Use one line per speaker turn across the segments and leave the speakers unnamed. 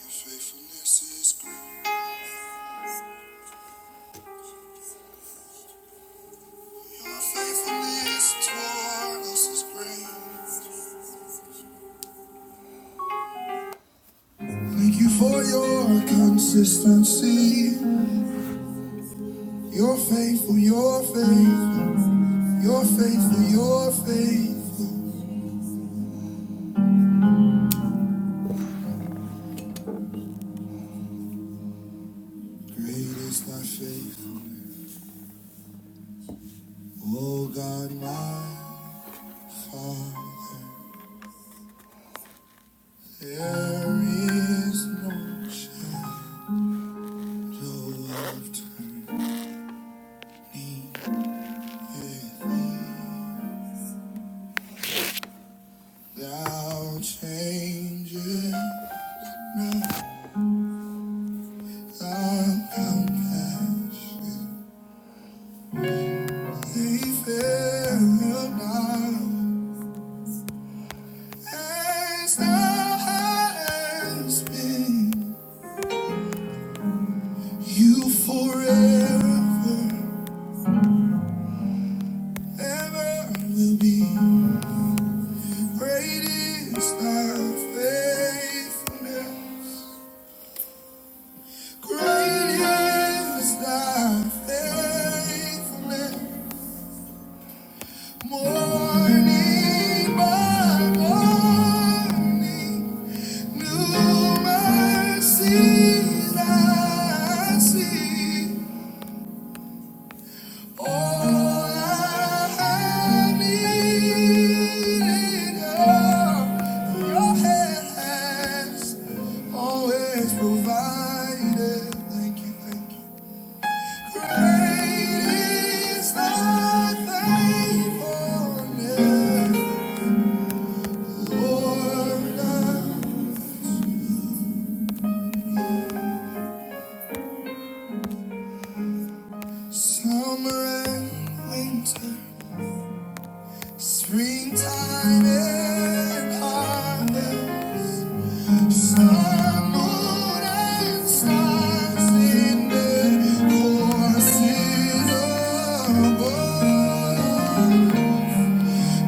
Your faithfulness is great. Your faithfulness toward us is great. Thank you for your consistency. You're faithful, you're faithful, you're faithful, you're faithful. Great is thy faithfulness. Oh God, my Father, there is no shadow of turning with thee. Thou changest You forever, ever will be. Great is faithfulness. Great is faithfulness. Morning by morning. New mercies I see. All I have needed, oh, your hand always provided. Thank you, thank you. Great is thy faithfulness, Lord. Summer and winter. Springtime and harvest, sun, moon, and stars in the courses above.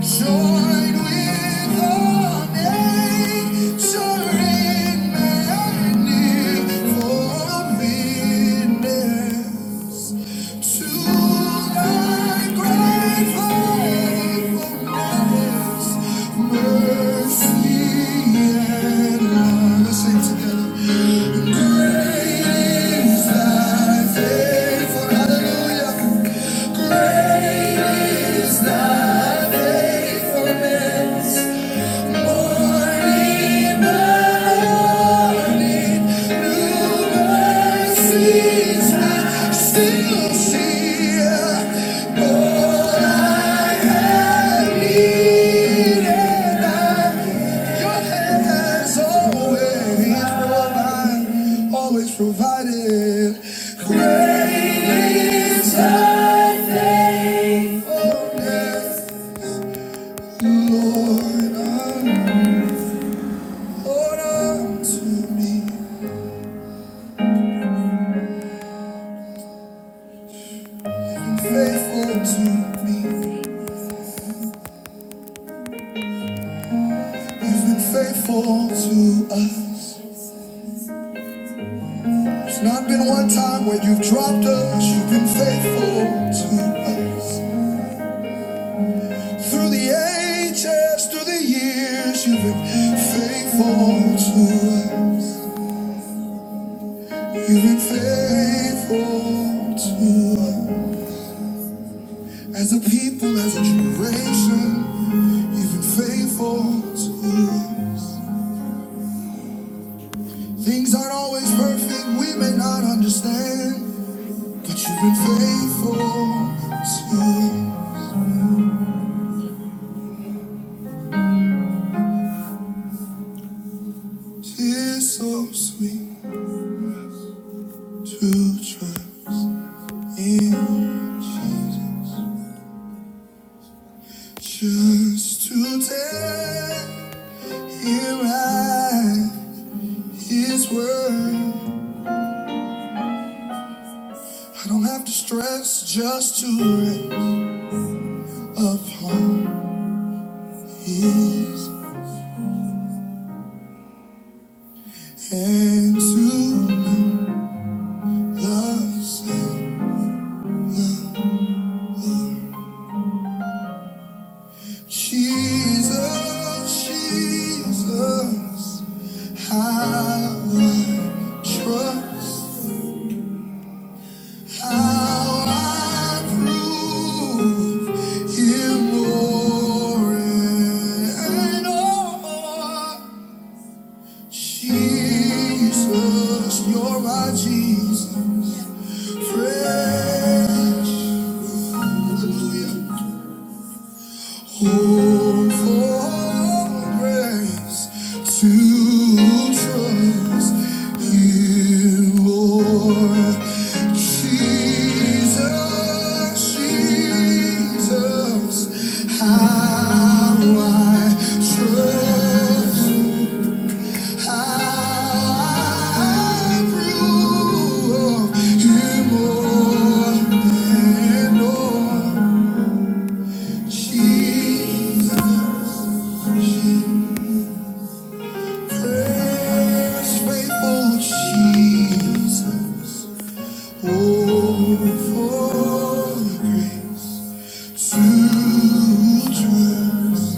Join with all nature in agony for to thy great faithfulness, mercy and love. Let's sing together. Great is thy faithfulness. Hallelujah. Great Provided great is thy faithfulness, Lord, unto me, faithful to me. You've been faithful to us. There's not been one time when you've dropped us. You've been faithful to us. Through the ages, through the years, you've been faithful to us. You've been faithful to us. As a people, as a generation, you've been faithful to us. Things aren't always perfect, we may not understand, but you've been faithful to us. Tis so sweet to trust in Jesus. Just today, here I, His word. I don't have to stress just to rest upon His and to love. same. Jesus, Jesus, how I trust. How I prove him more and more. Jesus, you're my Jesus. Fresh. Hallelujah. Hope for all grace to trust you, Lord. Jesus, Jesus, how I trust, how I prove you more and more. Jesus. Yes, faithful Jesus, oh, for grace to trust.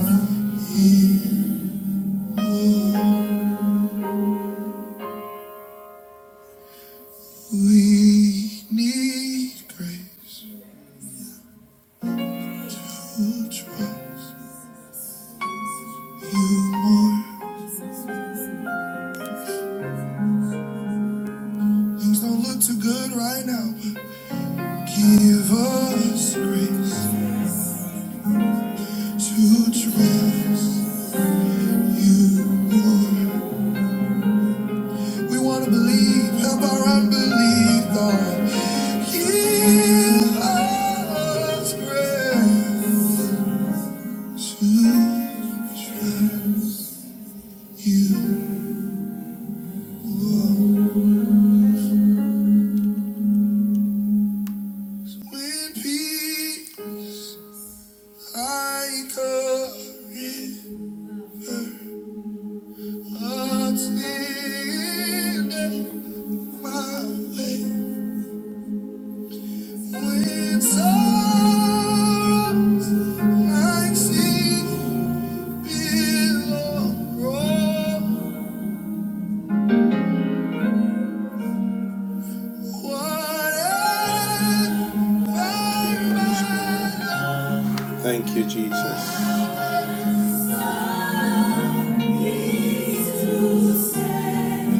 We need grace to trust you more. Things don't look too good right now, give us grace to trust you more. We want to believe, help our unbelief, Lord. Give us grace to trust you. Lord. When peace I carry, I'll stand at My way. when sorrows I see, billows roll. Thank you, Jesus.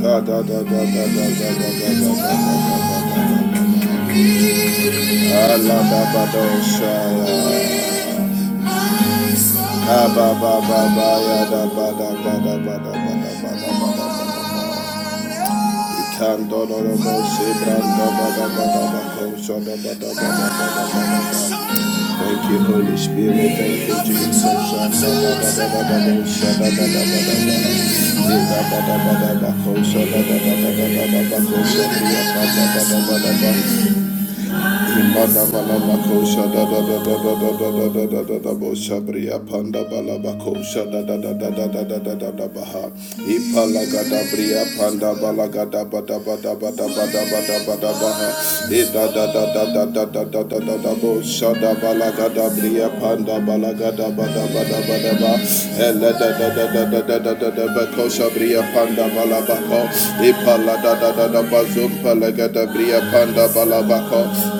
Da, da, da, da, da, da, da, da, da, da, da, da, da, da, da. Alababadosha. Kaba ba ba ba ya da ba da ba da ba da ba da ba da ba da ba da ba. Ikando no no mo se brando ba da ba da ba ko so da ba da ba da ba da ba da ba. Thank you, Holy Spirit. Thank you, Jesus. Shanda ba da ba da ba da sha da ba da ba da ba. Ye da ba da ba da ba ko so da ba da ba da ba da ba ko so da ba da ba da ba da ba. Imbadabalabakosha da da da da da da da da da da da bosha bria panda balabakosha da da da da da da da da da da baha ipalaga da bria panda balaga da ba da ba da ba da ba da ba da ba da baha Ida da da da da da da da da da da da bosha da balaga bria panda balaga da ba da ba da ba da ba hele da da da da da da da da da bakosha bria panda balabako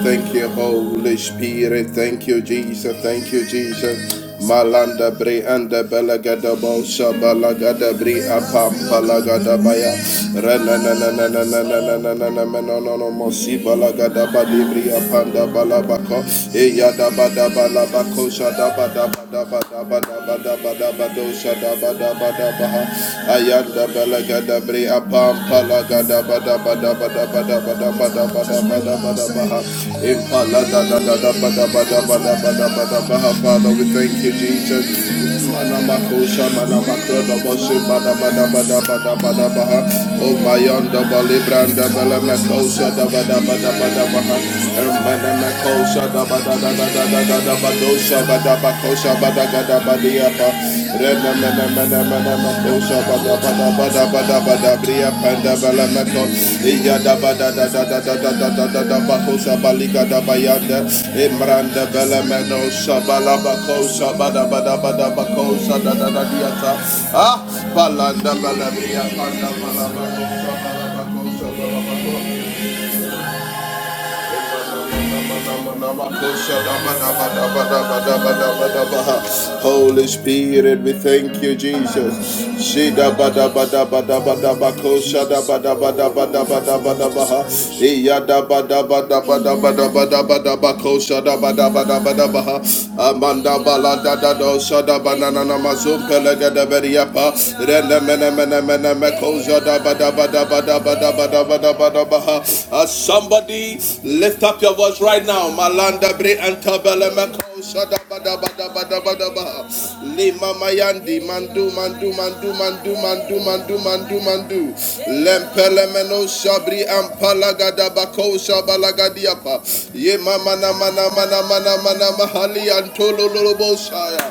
Thank you, Holy Spirit. Thank you, Jesus. Thank you, Jesus. Malanda bre anda balagada bolsa balagada bri apam palagada baya. Rana na na na na na na na na na na na no no no mosi balagada badi bri apanda balabako. Eya da ba da balabako sha da daba daba daba daba dosha daba daba daba ha ayanda belaga dabre apam palaga daba daba daba daba daba daba daba daba daba daba ha impala da da da daba Father we thank you Jesus manamakosha manamako doboshi daba daba daba daba daba ha oh my yanda bali branda bela makosha daba daba daba daba ha kosha da ba da da da da da da da ba dosha ba da ba kosha ba da ga da ba dia ba re na na na na na na na ma kosha ba da ba da ba da ba da ba da bria pa da ba iya da ba da da da da da da da da da ba kosha ba liga da ba ya da e mranda ba la no ba kosha ba da ba da ba da ba kosha da da da dia ta ah balanda la da bria pa da ba kosha ba la ba kosha ba la ba Holy Spirit, we thank you, Jesus. Shida bada bada bada bada bako shada bada bada bada bada bada baha. Iya da bada bada bada bada bada bada bako shada bada bada bada baha. Amanda bala da da do shada banana na mazum pelega da beriapa. Rene mene mene mene meko shada bada bada bada bada bada bada as somebody lift up your voice right now. Malanda bre antabelemeko shadabadabadabadabadabaha. Lima mayandi mandu mandu mandu mandu mandu mandu mandu mandu. Lempelemeno shabri ampalagadabako shabalagadiapa. Ye mama na mana mana mana mana mahali antolololobo shaya.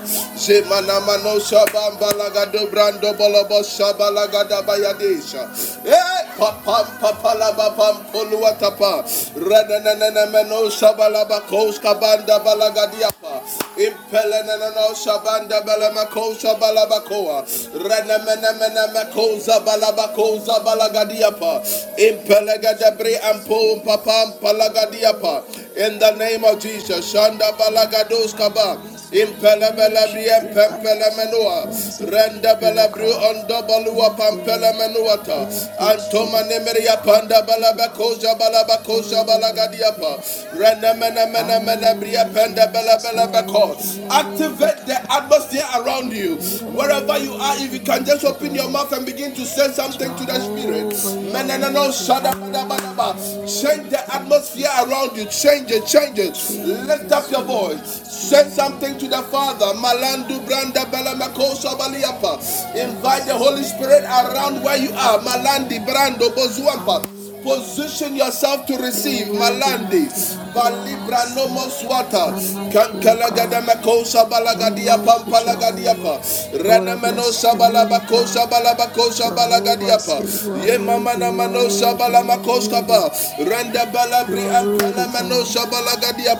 Ze mana mano shabambalagado brando bolobo Shabalagada bayadesha. Eh, papam papalaba pam poluatapa. Renananameno shabalaba koska banda balagadiapa. Impelenanano shabanda balamako shabalabakoa. Renamenamenamako zabalabako zabalagadiapa.
Jesus,
Impelegadebre
Jesus,
ampo papam
Jesus. Hallelujah, God.
palagadiapa. In the name of
Hallelujah,
Jesus,
hallelujah,
Shanda
Jesus.
balagados
Father, we
kabam.
bless
Impele
you. We worship
belebri
you, oh God.
empempele menua.
We want to say thank
Rende
you, oh
belebri
God.
ondo balua
Thank you,
pampele
Lord.
menuata.
Thank you,
Antoma
Jesus.
nemeria panda
Hallelujah,
balaba koja
hallelujah,
balaba koja
hallelujah, mighty
balagadiapa.
God.
Rende mene mene mene bria
Hallelujah,
panda
Jesus.
belebele
You are
beko.
worthy, you are worthy,
Activate the
God.
atmosphere around you.
You are
Wherever you are, if
worthy,
you can just
mighty
open your
God.
mouth and begin to say something to the spirit.
Jehovah, you are
Meneneno
worthy. Hallelujah.
shadabadabadaba. Change
Hallelujah,
the atmosphere
Jesus.
around you. Change it, change it. Lift up
Jesus,
your voice.
Jesus,
Send something to
Jesus,
the Father. Malandu branda belamakosa baliapa. Invite the
Jesus,
Holy
you
Spirit
are worthy.
around where
You
you
are
are.
worthy,
Malandi
God.
brando bozuampa.
Hallelujah.
Position yourself to
You are
receive.
worthy,
Malandi.
mighty God. You are
Balibra
awesome.
nomos wata.
None like you, Lord
Kankalagada
God.
makosa
None
balagadia
like you, Jehovah.
pampalagadiapa.
Lord, I bless
Renemenosa
your name, God.
balabakosa balabakosa
Jehovah, I
balagadiapa.
say you are
Ye
worthy.
mamana
You are
manosa
worthy. You are
balamakoska
worthy.
ba. Renda
You
balabri
are
ampala
worthy, God.
manosa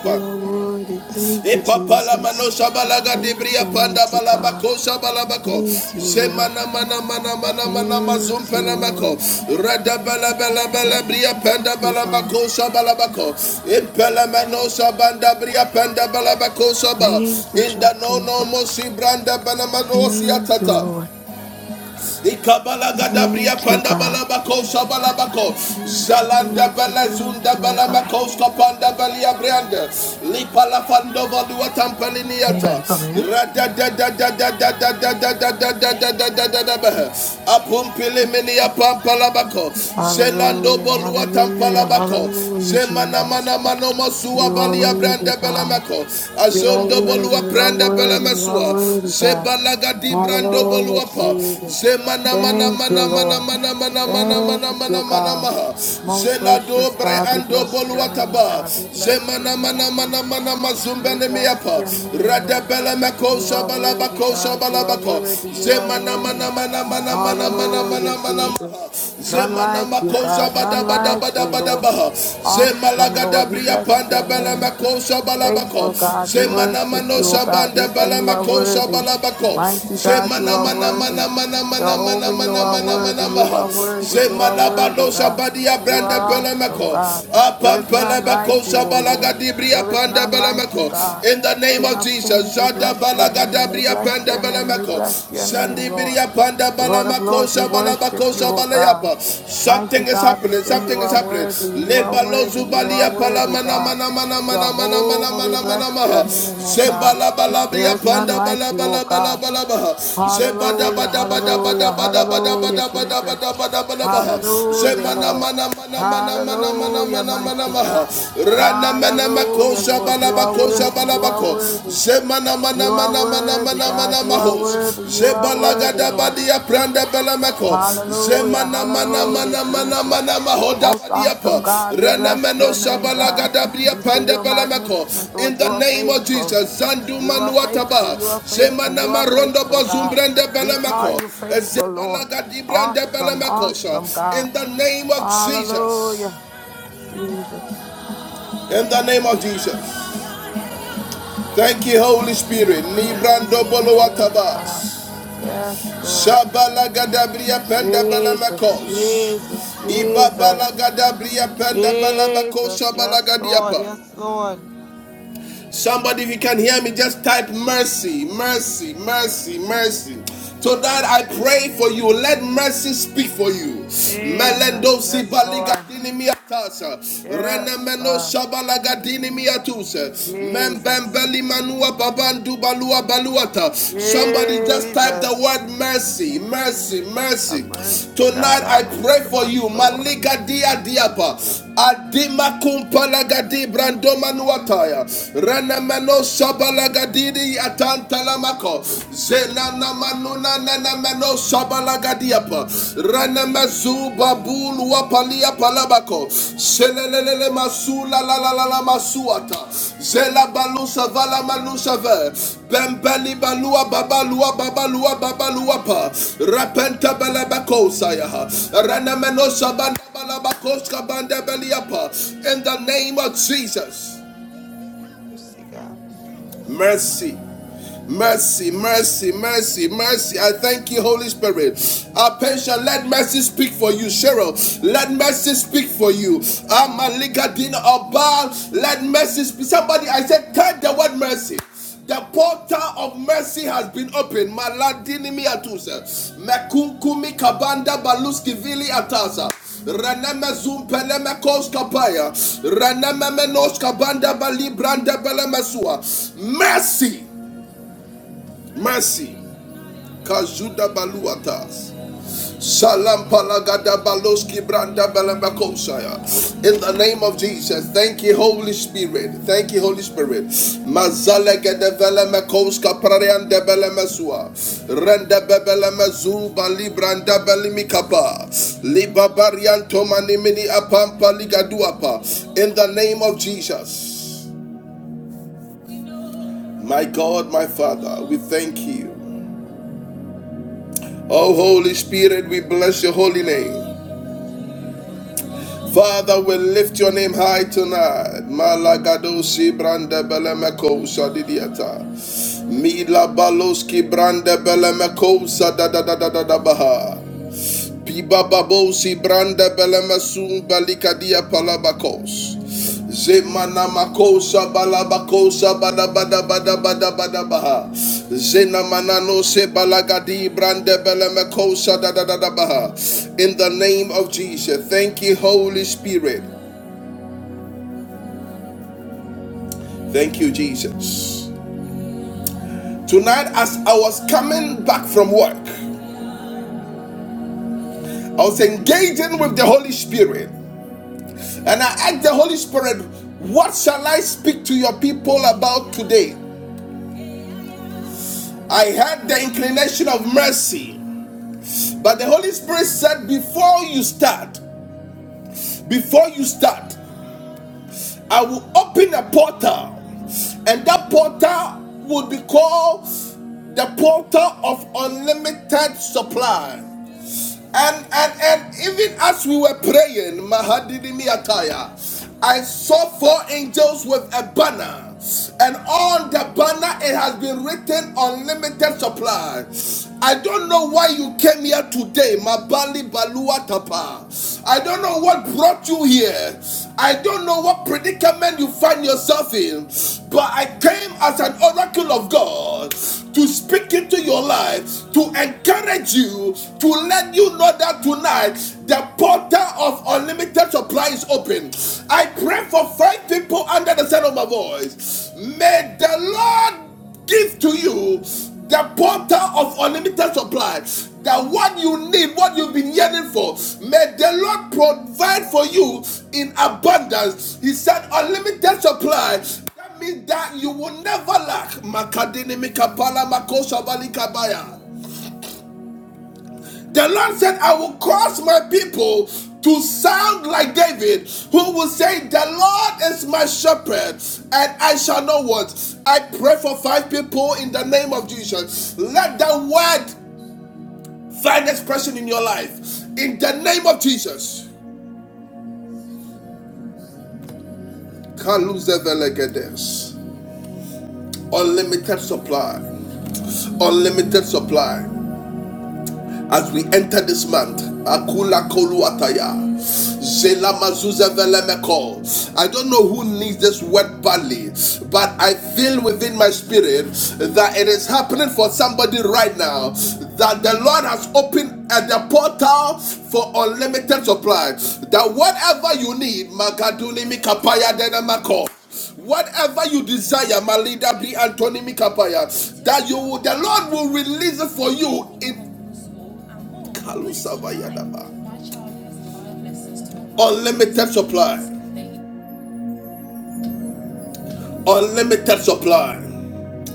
You are worthy. Thank you,
Epapala mano
Jesus.
shabalaga
Thank
debria
you,
panda
mighty God.
balabako shabalabako.
Thank you, Lord.
Semana mana mana mana mana mazum
Thank you,
palamako.
Lord.
Rada bala bala bala bria
Thank
panda
you, Father.
balabako shabalabako. Impala mano shabanda bria panda balabako shaba.
Thank you,
Inda no no
Jehovah.
mo shibranda banamano
Thank you,
atata.
Lord.
Ikabala gadabria
Thank you,
panda
God.
balabako shabalabako.
Thank you,
Zalanda
thank you, thank
belezunda
you, oh God.
belemekos kapanda belia brianda. Lipala fando valua tampeliniata. Rada da da da da da da da da da da da da da da da da da Apumpili minia pampalabako. Zelando
Hallelujah,
bolua
hallelujah,
tampalabako.
hallelujah,
Zemana
Jesus.
mana mano masua
You are
balia
worthy,
branda
God.
belemeko.
You are
Azondo Zebalagado
worthy,
bolua
you are
prende
worthy, you are
belemesua.
worthy, God.
di brando
Hallelujah,
bolua pa.
Jesus.
Zemana mana
Thank you,
mana mana
Lord.
mana mana mana mana mana mana
Thank
mana
you,
mana
God.
maha.
Most
Zelado
gracious
bre
God, we
ando
bless your
bolua
name,
taba.
God. We bless your
Zemana mana
name,
mana mana
Jesus.
mana
We
mazumbene
bless
miapa.
your name,
Rada
Lord.
belemeko
You are worthy,
shabalabako
God. You are
shabalabako.
worthy. You are
Zemana mana
worthy.
mana mana mana mana mana
Hallelujah,
mana maha.
Jesus. None
Zemana
like you,
makosa
God. None
bada bada
like you,
bada bada
Lord.
baha.
Awesome,
Zemalaga
Lord. We
dabria
bless
panda
your
bela
name.
makosa balabako.
Faithful God, we
Zemana
worship you, O
manosa
God. We
banda
say
bela
you are
makosa
worthy.
balabako.
Mighty God, you
Zemana
are
mana
worthy.
mana mana mana mana
Jehovah, you
mana
are
mana
worthy.
mana
You
maha.
are worthy. You are
Zemana
worthy,
balosa
God.
badia
You are
branda bela
awesome,
mako.
God. There is
Apan bela
none like you,
makosa
O
balaga
Lord.
dabria
There is
panda
none
bela
like you,
mako.
God.
In the name
King
of
of
Jesus,
kings, we
Zada
bless your
balaga
name. We
dabria
bless
panda
your
bela
name. We
balamako.
bless your name, Lord.
Zandibiria panda
Lord of
balamako
Lords, we worship
shabalabako
you, O God.
shabalayapa.
Mighty
Something is
God, we
happening.
say you
Something is
are
happening.
worthy, you are
Lebalo
worthy, you are
zubalia
worthy,
palamana
God.
mana mana mana mana mana
Jehovah, we
mana mana
bless your
maha.
name, O God.
Zembala
There
balabria
is none
panda
like you, O
balabala
God.
balabala maha. Zebada
Hallelujah,
bada bada bada
hallelujah,
bada bada
hallelujah,
bada bada bada
Jesus.
bada bada maha.
Hallelujah,
Zemana
Lord.
mana mana mana mana mana
Hallelujah,
mana mana
mighty
maha.
God.
Rana mana mako
Hallelujah, Lord. You
shabalabako.
are
Koza
worthy, you are worthy.
zemana mana
You are
mana mana
worthy,
mana
God.
mana
You are
mahos,
worthy, you are
zebalaga
worthy, Lord.
badia pranda belamako,
Hallelujah,
zemana mana
hallelujah,
mana mana
Jesus.
mana mahoda
Most awesome
badiapa,
God, we
rana
bless
meno
your name, God.
bria
We see
panda
you're
belamako.
magnificent,
In
Lord.
the
You are
name of
faithful.
Jesus, zandu
You are faithful.
manuataba,
You are faithful.
zemana
You are
marondo
faithful, God.
bazumbranda
We call
belamako,
you faithful, Lord.
zebalaga di branda
Awesome,
belamakosa.
awesome, God.
In the name of Jesus,
Hallelujah, Jesus.
in the name of Jesus. Thank you, Holy Spirit. Librando
Hallelujah.
bolo
Yes, God.
watabas.
Yes, Lord.
Shabala gadabria penda bala
Jesus,
makos.
Jesus,
Iba
Jesus.
gadabria penda bala makos
Jesus,
shabala
yes, Lord,
gadiapa.
yes, Lord.
Somebody, if you can hear me, just type mercy, mercy, mercy, mercy. Tonight I pray for you. Let mercy speak for you. Melendo
Jesus, yes, Lord.
sibaligatini miatasa.
Yes,
Renemeno
God.
shabalagadini miatuse.
Jesus.
Membembeli manua babandu balua baluata. Somebody just type the
Jesus.
word mercy, mercy, mercy.
Have mercy, God,
Tonight I
on us
pray for
tonight,
you.
Lord.
Maliga diapa. Adima kumpalagadi brandoma nuataya. Shabaya, Renemeno Shabalagadidi Atantalamako, Zenana Manuna Nenemeno Shabalagadiapa, Renemezu Babul Wapalia Palabako, Selelele Masula La La La La Masuata, Zela Balusa Vala Manusave, Bembeli Balua Babalua Babalua Babaluapa, Repenta Belebako Sayaha, Renemeno Shabanda Balabakoska Banda in the name of Jesus
Mercy, God.
mercy, Mercy,
Mercy.
mercy, mercy, mercy. I thank you, Holy Spirit. Apensha, let mercy speak for you, Cheryl. Let mercy speak for you.
God.
Amaligadina Obal, let mercy speak. Somebody, I said, turn the word mercy. The portal of mercy has been opened. Maladini miatusa. Mekunkumi kabanda baluski vili atasa. Reneme zumpeleme koskapaya. Reneme menoskabanda bali branda belemesua. Mercy. Mercy. Kazuda Baluatas. Salam palagada baloski branda balambakosaya. In the name of Jesus, thank you, Holy Spirit. Thank you, Holy Spirit. Mazale gede vele mekoska prariande bele mesua. Rende bebele mezu bali branda beli mikapa. Liba barianto manimini apampa ligaduapa. In the name of Jesus. My God, my Father, we thank you. Oh, Holy Spirit, we bless your holy name. Father, we lift your name high tonight. Malagadosi brande belemeko sadidiata. Mila baloski brande belemeko sadadadadadabaha. Piba babo si branda belemasun balikadia palabakos. Zemana makosa balabakosa balabada bada bada badabada badabaha. Zena manano se balagadi brande belemekosa da da da da baha. In the name of Jesus, thank you, Holy Spirit. Thank you, Jesus. Tonight, as I was coming back from work, I was engaging with the Holy Spirit. And I asked the Holy Spirit, What shall I speak to your people about today? I had the inclination of mercy, but the Holy Spirit said, Before you start, before you start, I will open a portal, and that portal will be called the portal of unlimited supply. And and and even as we were praying, Mahadinimiataya, I saw four angels with a banner. And on the banner it has been written unlimited supply. I don't know why you came here today, Mabali Balua Tapa. I don't know what brought you here. I don't know what predicament you find yourself in, but I came as an oracle of God to speak into your life, to encourage you, to let you know that tonight the portal of unlimited supply is open. I pray for five people under the sound of my voice. May the Lord give to you the portal of unlimited supply that what you need what you've been yearning for may the lord provide for you in abundance he said unlimited supply that means that you will never lack Makadini mikapala makosa balikabaya. The Lord said, I will cause my people to sound like David, who will say, The Lord is my shepherd, and I shall not want. I pray for five people in the name of Jesus. Let the word find expression in your life. In the name of Jesus. Can't lose the velegedes. Unlimited supply. Unlimited supply. as we enter this month. Akula Koluataya. Zela Mazuza Velemeko. I don't know who needs this word badly, but I feel within my spirit that it is happening for somebody right now. That the Lord has opened at the portal for unlimited supply. That whatever you need, Magaduni Mikapaya Denamako. Whatever you desire, my leader be Mikapaya, that you the Lord will release it for you in Kalusabayadaba. Unlimited supply. Unlimited supply.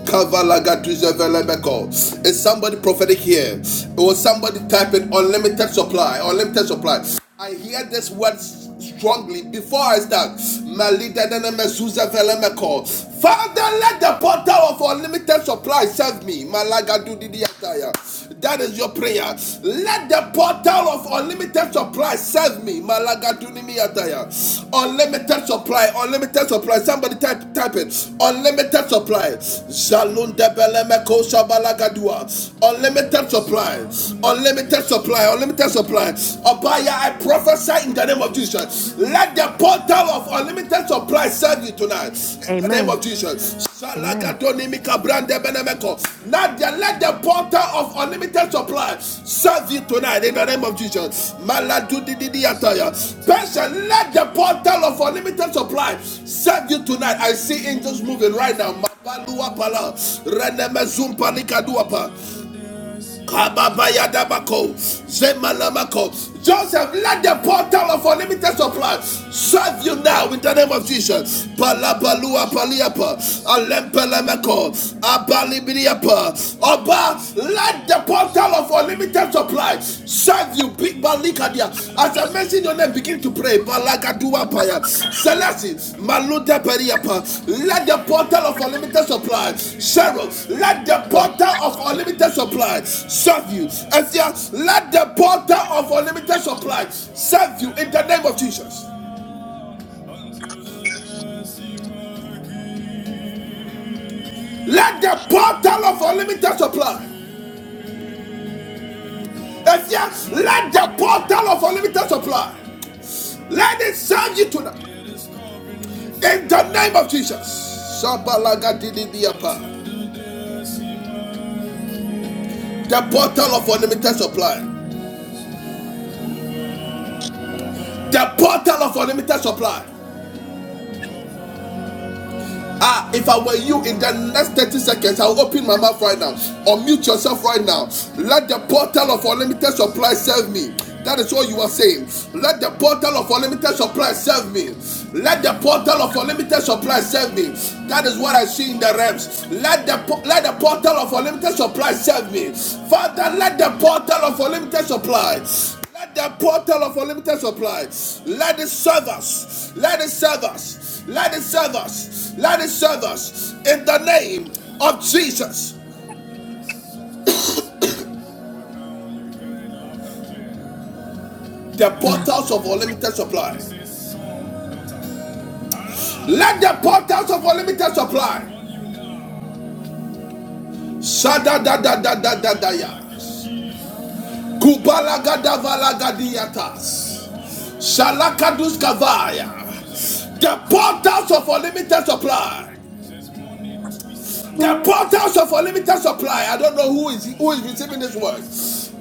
Kavalagaduzevelebeko. Is somebody prophetic here? Or somebody type in unlimited supply? Unlimited supply. I hear this word strongly before I start. Malidenenemezuzevelemeko. Father, let the portal of unlimited supply serve me. Malagadudidiataya. That is your prayer. Let the portal of unlimited supply serve me. Malagadunimi ataya. Unlimited supply, unlimited supply. Somebody type type it. Unlimited supply. Zalundebelemeko sabalagadua. Unlimited supply. Unlimited supply. Unlimited supply. Abaya, I prophesy in the name of Jesus. Let the portal of of unlimited supply serve you tonight. In the name of
Amen.
Jesus.
Amen.
Nadia, let the portal of unlimited supply serve you tonight. In the name of Jesus. Maladudididiataya. Passion, let the portal of unlimited supply serve you tonight. I see angels moving right now. Kababayadabako, Zemalamako. Joseph, let the portal of unlimited supply serve you now in the name of Jesus. Palabalua paliapa, alempelemeko, abalibiliapa. Oba, let the portal of unlimited supply serve you. Big as I mention your name, begin to pray. Balagadua paya. Celeste, Maluta periapa. Let the portal of unlimited supply, Cheryl. Let the portal of unlimited supply serve you. Esia, let the portal of unlimited supply serve you in the name of Jesus. Let the portal of unlimited supply. Esia, let the portal of unlimited supply. Let it serve you tonight. In the name of Jesus, Shabalagadilibiapa. the portal of unlimited supply, the portal of unlimited supply, Ah, if I were you in the next 30 seconds, I'll open my mouth right now. Unmute yourself right now. Let the portal of unlimited supply serve me. That is what you are saying. Let the portal of unlimited supply serve me. Let the portal of unlimited supply serve me. That is what I see in the realms. Let the let the portal of unlimited supply serve me. Father, let the portal of unlimited supply let the portal of unlimited supply. Let it serve us. Let it serve us. Let it serve us. Let it serve us. In the name of Jesus, the
Right.
portals of unlimited supply. Let the portals of unlimited supply. Shada da da da da da da ya. Kubala gada vala gadiatas. Shalakadus kavaya. The portals of unlimited supply. The portals of unlimited supply. I don't know who is who is receiving this word.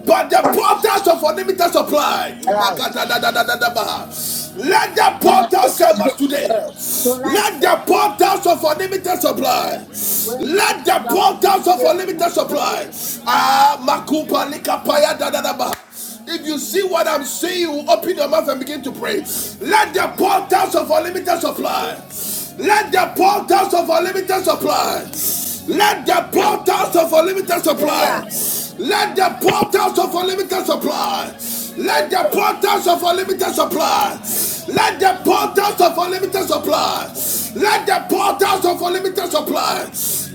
But the portals of unlimited supply. Makatadadadadadabaha. Let the portals serve us today.
So like
Let
that.
the portals of unlimited supply.
When we put
Let the
stuff on the
portals of
video for me,
unlimited
so we're
supply.
the people.
Ah, makupa likapaya da da da dadadabaha. If you see what I'm seeing, you will open your mouth and begin to pray. Let the portals of unlimited supply. Let the portals of unlimited supply. Let the
Osha,
portals of unlimited
Remember,
supply. Let the portals of unlimited supply. Let the
so,
portals of unlimited supply. Let the
Zibidi,
portals of unlimited supply. Let the portals of unlimited supply.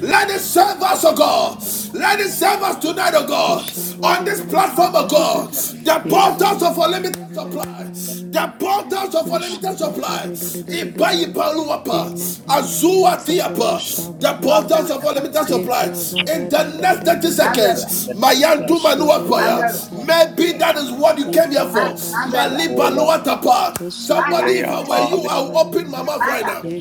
Let it serve
Rosh,
us, oh God. Let it serve
Or,
us tonight, oh God. On this
I'm
platform,
gonna
oh
put it
Ushaburiyantsabarara.
in
God.
there.
The
Yeah.
portals of
Zibaba,
unlimited supply.
Ibaranananananananana.
The portals
Zibidi,
of unlimited supply. Iba
Ushabatadadadadadadadada.
Rosh,
ipaluapa. Azua
Imakanyantsaba
tiapa. The
From now
ushabararara.
portals
on,
Yakish,
of
I can
unlimited
hide.
supply. In the
Ba,
next 30
Umbrella,
Ikabadadadadadadadada.
seconds,
Onda,
Mayandu
Nashu,
Manua prayer.
umbrella,
Ba,
Maybe
Usuburiyansabararara.
that
Nashu,
is what you
Lima,
came here for.
ma- umbrella,
Bola,
Ikabadadadadadadada.
Malibalua tapa.
maca,
Somebody, if
Glea,
I were
Ta,
you,
Lima,
I'll open my
Usibiriyantsabararara.
mouth right
maca,
now.
Ramos,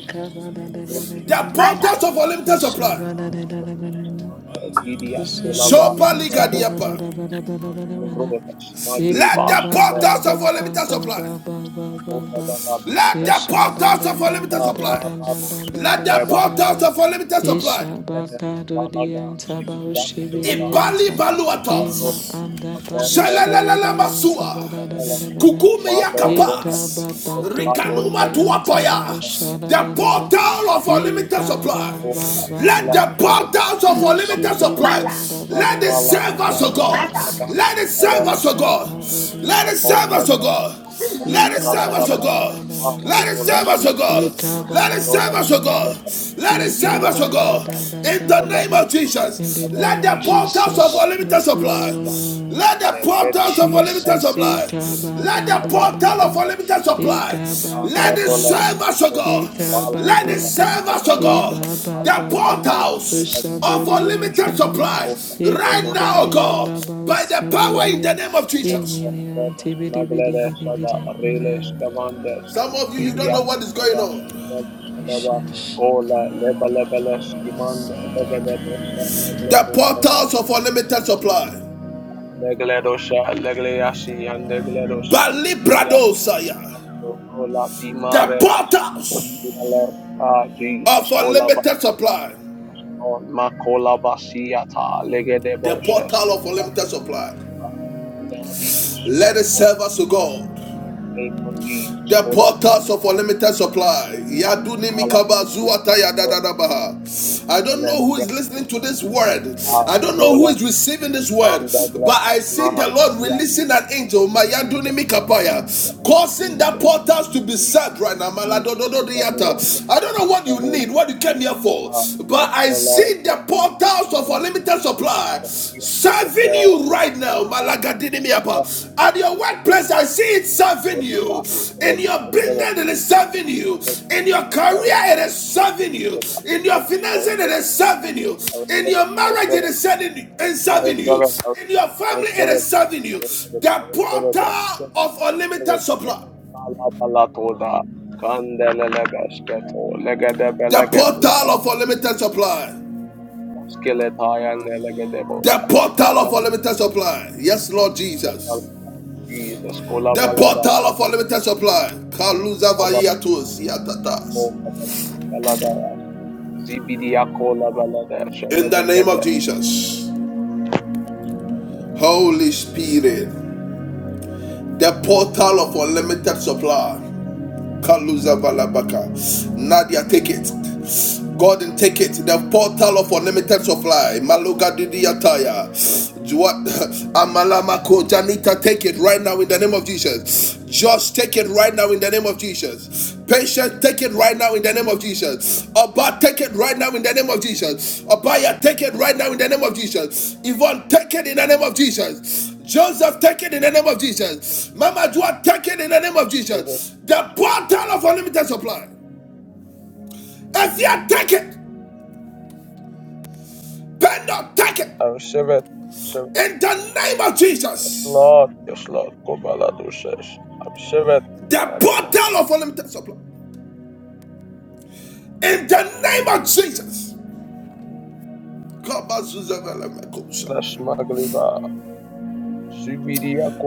Dole,
The
Gidia,
portals
maca,
of
Kola,
unlimited supply.
Ando,
Ishabararara.
Manda, Gidia, Skola, Ba,
Ushibidi
Sopa
and
Bibara,
Tabada
ligadiapa.
Bada Bada Bada Bada
Mando,
Bada
Roda, Smagli,
Let
Eka
Ba,
the
ba
Shada,
ba
portals
ba
of
Bada,
ba
unlimited
Bada,
ba ba
supply.
ba ba ba
Oda,
ba.
Bala,
Let
Bida,
the
Esha da
portals
da
of
da
unlimited
da da
supply.
Ala,
da da
Ramos,
da da
Let
da
the
da da
Magle,
da.
portals of unlimited supply.
Esha ba ka do di
Balaga,
anta ba
Sibidia,
ushi bi di
Kobalaba,
Ibali
anta.
Mandaro,
Ema
baluatas.
anda ba ushi
Belo,
bi
Shalalalala
di anta
masua.
ba da da da
Sakabela,
da da da.
Kukume
Bado, Rona,
Eka
yakapas.
ba ta to to
Bado,
ni
Rikanuma
ni
Shagada,
anta ba
tuapaya.
usha da
The
da da da.
portal of unlimited
Eka ba
supply.
Rona,
ba ba
Let
ba
Ila,
the
ba.
Magada,
portals of
Ishi
unlimited
bi di
supply.
Mandaro,
anda ba
Let
da
it
da
Bala,
da da
serve us,
da
O
da
Yama,
da
God.
da
maca,
Saban,
da.
Let it serve
Eres,
us, O
Lisa
God.
Kabudio
Let
now
it
Paul
serve us, O
Legaba,
Savanamani,
God. Let it serve
maca.
us, O
Shabalaba,
God.
Mala
Let it
Ekabanananananana,
serve
Rolas,
us, O God.
Male,
Let it serve
Rolas,
us, O God.
Ekabanananana,
Maleba,
Let it serve
Vidia,
us, O God.
Maleba,
In the
Rolas,
name
Ekabanananana.
of
In the
Jesus,
Maleba,
name
let the
of
Jesus,
portals of
Jesus,
Kotaba,
unlimited
yes,
supply.
Vidia,
Lord.
Let the
Male, Vetus,
portals of
Veleba,
unlimited
Jesus,
supply.
eka ba
Let
ba
the
ba
Abba,
ba
portal
ba,
of
Magada,
unlimited supply.
eka ba ba
Mala
Let it
ba
Rolas,
serve
ba,
us, O
Male,
God.
eka
Mala
ba
Let
ba
it
Rila,
ba,
serve us, O
Magada,
e
God.
ba ba
Male,
The
ba ba,
Vidia, Kotaba,
portals of
ushaburi
unlimited
antabara,
supply.
eka
Vidia,
Right
ba
now, O
de
Kotaba,
God.
anda ba
By the power
Vidia,
in
uskaburia,
the name of
e
Jesus.
mini
Konvertedas
antibidi bidi
Magledes
bidi
Sada
bidi.
Reles
Amen.
Gavandes
Some of you, you don't know
Vidias
Amen.
what is going
Leva
on.
Leves Sadava
Jesus.
Kola Leba Lebeles Gimanda Legededosa
The
Legledos Sada
portals of unlimited supply.
Legledosa Legleasi and Legledos
Bali
Ilias
Bradosaya.
Kola
The
Dimarelas
portals
Minales Ah
of
Jesus Kola
unlimited supply.
Makola Basiata
The
Legedeboses
portal of unlimited supply.
in the
Let it serve us to God.
name of Jesus,
The
call up
portals
Jesus.
of unlimited supply. Yaduni
Allah,
mikabazu ataya
Allah,
dadadabaha. I don't know who is listening to this word.
Allah,
I don't know who is
Rolas,
receiving this word.
Manda,
But I
Glamas,
see
Maha,
the Lord
Kia,
releasing an angel,
Jesus,
Mayaduni mikapaya, causing the
Jesus,
portals to be set
Jesus,
right now.
Jesus, in the name of Jesus,
Maladodododiata. I don't know what you
in the
need,
name
what you came here for.
of Allah,
But I
Rola,
see the
Allah,
portals of for
Allah,
limited supply
Kia,
serving
Jose,
you right now
Maria, Jesus,
Malagadinimiapa. at your workplace i see it serving
Oh Lord, I
you in your
receive it, I receive it,
business it is serving you
I receive
in your
it, I
career it is serving
receive
you
it,
in your
I
finances it
receive it,
is serving you
I
in
receive
your
it,
marriage it is serving it's
I receive it, I receive it, I
serving you in your family it
receive it,
is serving
I
you
receive it, I receive it,
the
I receive it, I receive it, I receive it,
portal
I
of unlimited
was receive
supply
it. Bala bala toda, kandele lebeşke to, legede
the
belege duşa,
portal of unlimited supply
yaskele tayanle legede
the
boşa.
portal of unlimited supply yes lord jesus
Jesus, kola
The
bala da,
portal of unlimited supply. Kaluza vayatus yatatas.
Baladash, Zibidiakola Baladash,
In the name of
Bagadas,
Jesus. Holy Spirit. The portal of unlimited supply. Kaluza Valabaka. Nadia, take it. God and take it. The portal of unlimited supply. Maluga Didiataya. Jua- Amalamako Janita, take it right now in the name of Jesus. Josh, take it right now in the name of Jesus. Patient, take it right now in the name of Jesus. Abba, take it right now in the name of Jesus. Abaya, take it right now in the name of Jesus. Yvonne, take it in the name of Jesus. Joseph, take it in the name of Jesus. Mama Dua, take it in the name of Jesus. The portal of unlimited supply. If you take it, Bendo, take it
I'm Shevet, Shevet,
in the name of
yes,
Jesus.
Lord, yes, Lord, Kobaladushes, I'm Shevet,
The
Bagadas,
portal of unlimited supply. In the name of Jesus.
Magliba,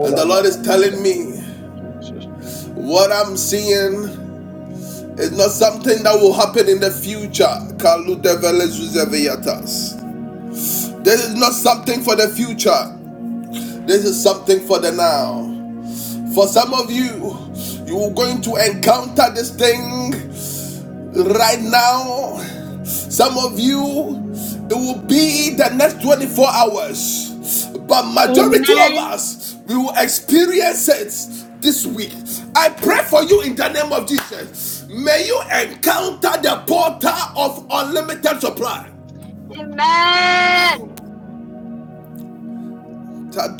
And the Lord is
Baladash,
telling me
Jesus.
what I'm seeing is not something that will happen in the future. Kalu devele zuzeviyatas. This is not something for the future. This is something for the now. For some of you, you're going to encounter this thing right now. Some of you, it will be the next 24 hours. But majority of
Amen.
us, we will experience it this week. I pray for you in the name of Jesus. May you encounter the portal of unlimited supply.
Amen.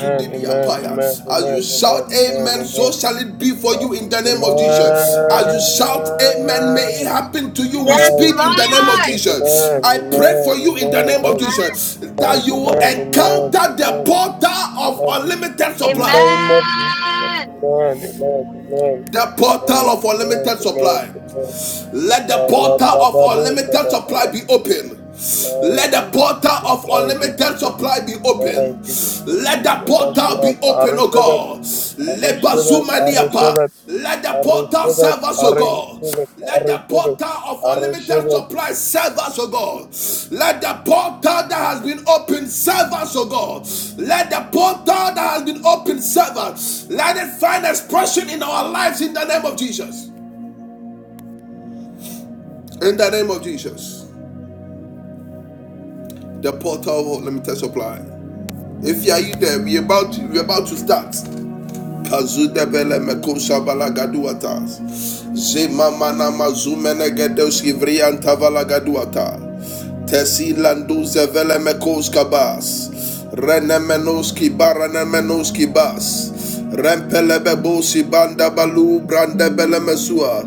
Amen, amen, amen,
As
amen,
you
amen,
shout amen,
amen,
so
amen.
shall it be for
Uh,
you in the name of Jesus. As you shout amen, may it
Amen.
happen to you with
Yes,
speed
Thank you,
in the name of
Lord.
Jesus. Amen.
Jesus.
Amen.
I pray for you in the
Amen.
name of
Amen.
Amen.
Jesus that you will
Amen. Amen.
encounter the
Amen.
portal of
In
unlimited
the
supply.
name of Jesus,
Amen.
amen, amen, amen,
The
amen,
portal of
amen,
unlimited
amen,
supply.
amen.
Let the
Allah,
portal of
Baba, Bosha,
unlimited supply
Allah.
be open. Let the portal of
Thank you, Jesus. Thank you,
unlimited
Jesus.
supply be
Thank
open.
you, Jesus.
Let the
Yes,
portal
Lord.
be
I
open, O
receive it.
God.
I
Let
receive it. I receive
Bazumaniapa.
it.
Let the
I
portal
receive it.
serve us,
I
O God.
receive it. I
Let the
receive it.
portal of
I receive
unlimited
it.
supply serve us, O God. Let the portal that has been opened serve us, O God. Let the portal that has been opened serve us. Let it find expression in our lives in the name of Jesus. In the name of Jesus. the portal of limited supply. If you are you there, we about to, we about to start. Kazude bele mekum shabala gaduatas. Zema mana mazumene gedeus givrian tavala gaduatas. Tesilanduze velemekos kabas. Renemenoski baranemenoski bas. Rempelebebosi banda balu branda belemesua.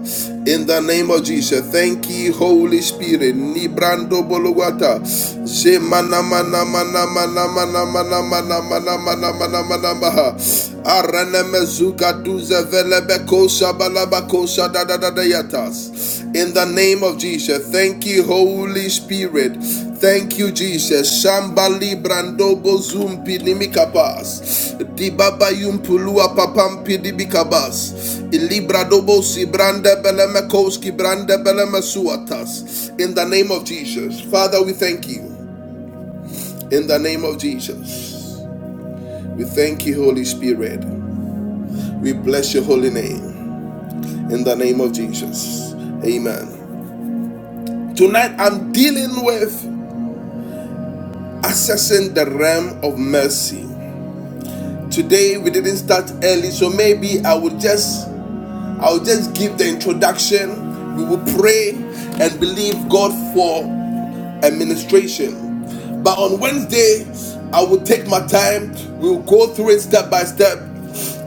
In the name of Jesus, thank you, Holy Spirit. Ni brando boluwata. Je mana mana mana mana mana mana mana mana mana mana mana mana mana in the name of Jesus, thank you, Holy Spirit. Thank you, Jesus. Shambali brandobo zumpi nimikabas. Dibaba yumpulua papampi dibikabas. Ilibra si brande belemekoski brande belemesuatas. In the name of Jesus. Father, we thank you. In the name of Jesus. We thank you, Holy Spirit. We bless your holy name. in the name of Jesus. Amen. Tonight I'm dealing with accessing the realm of mercy. Today we didn't start early, so maybe I will just I will just give the introduction. We will pray and believe God for administration. But on Wednesday, I will take my time. We'll go through it step by step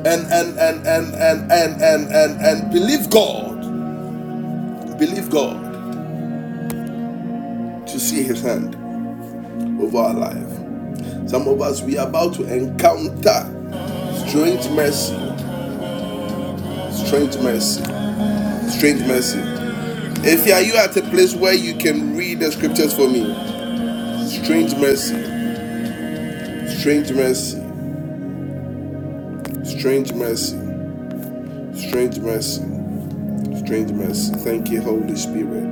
and and and and and and and and, and believe God. Believe God to see his hand. over our life. Some of us, we are about to encounter strange mercy, strange mercy, strange mercy. If you are you at a place where you can read the scriptures for me, strange mercy, strange mercy, strange mercy, strange mercy. Strange mercy. Thank you, Holy Spirit.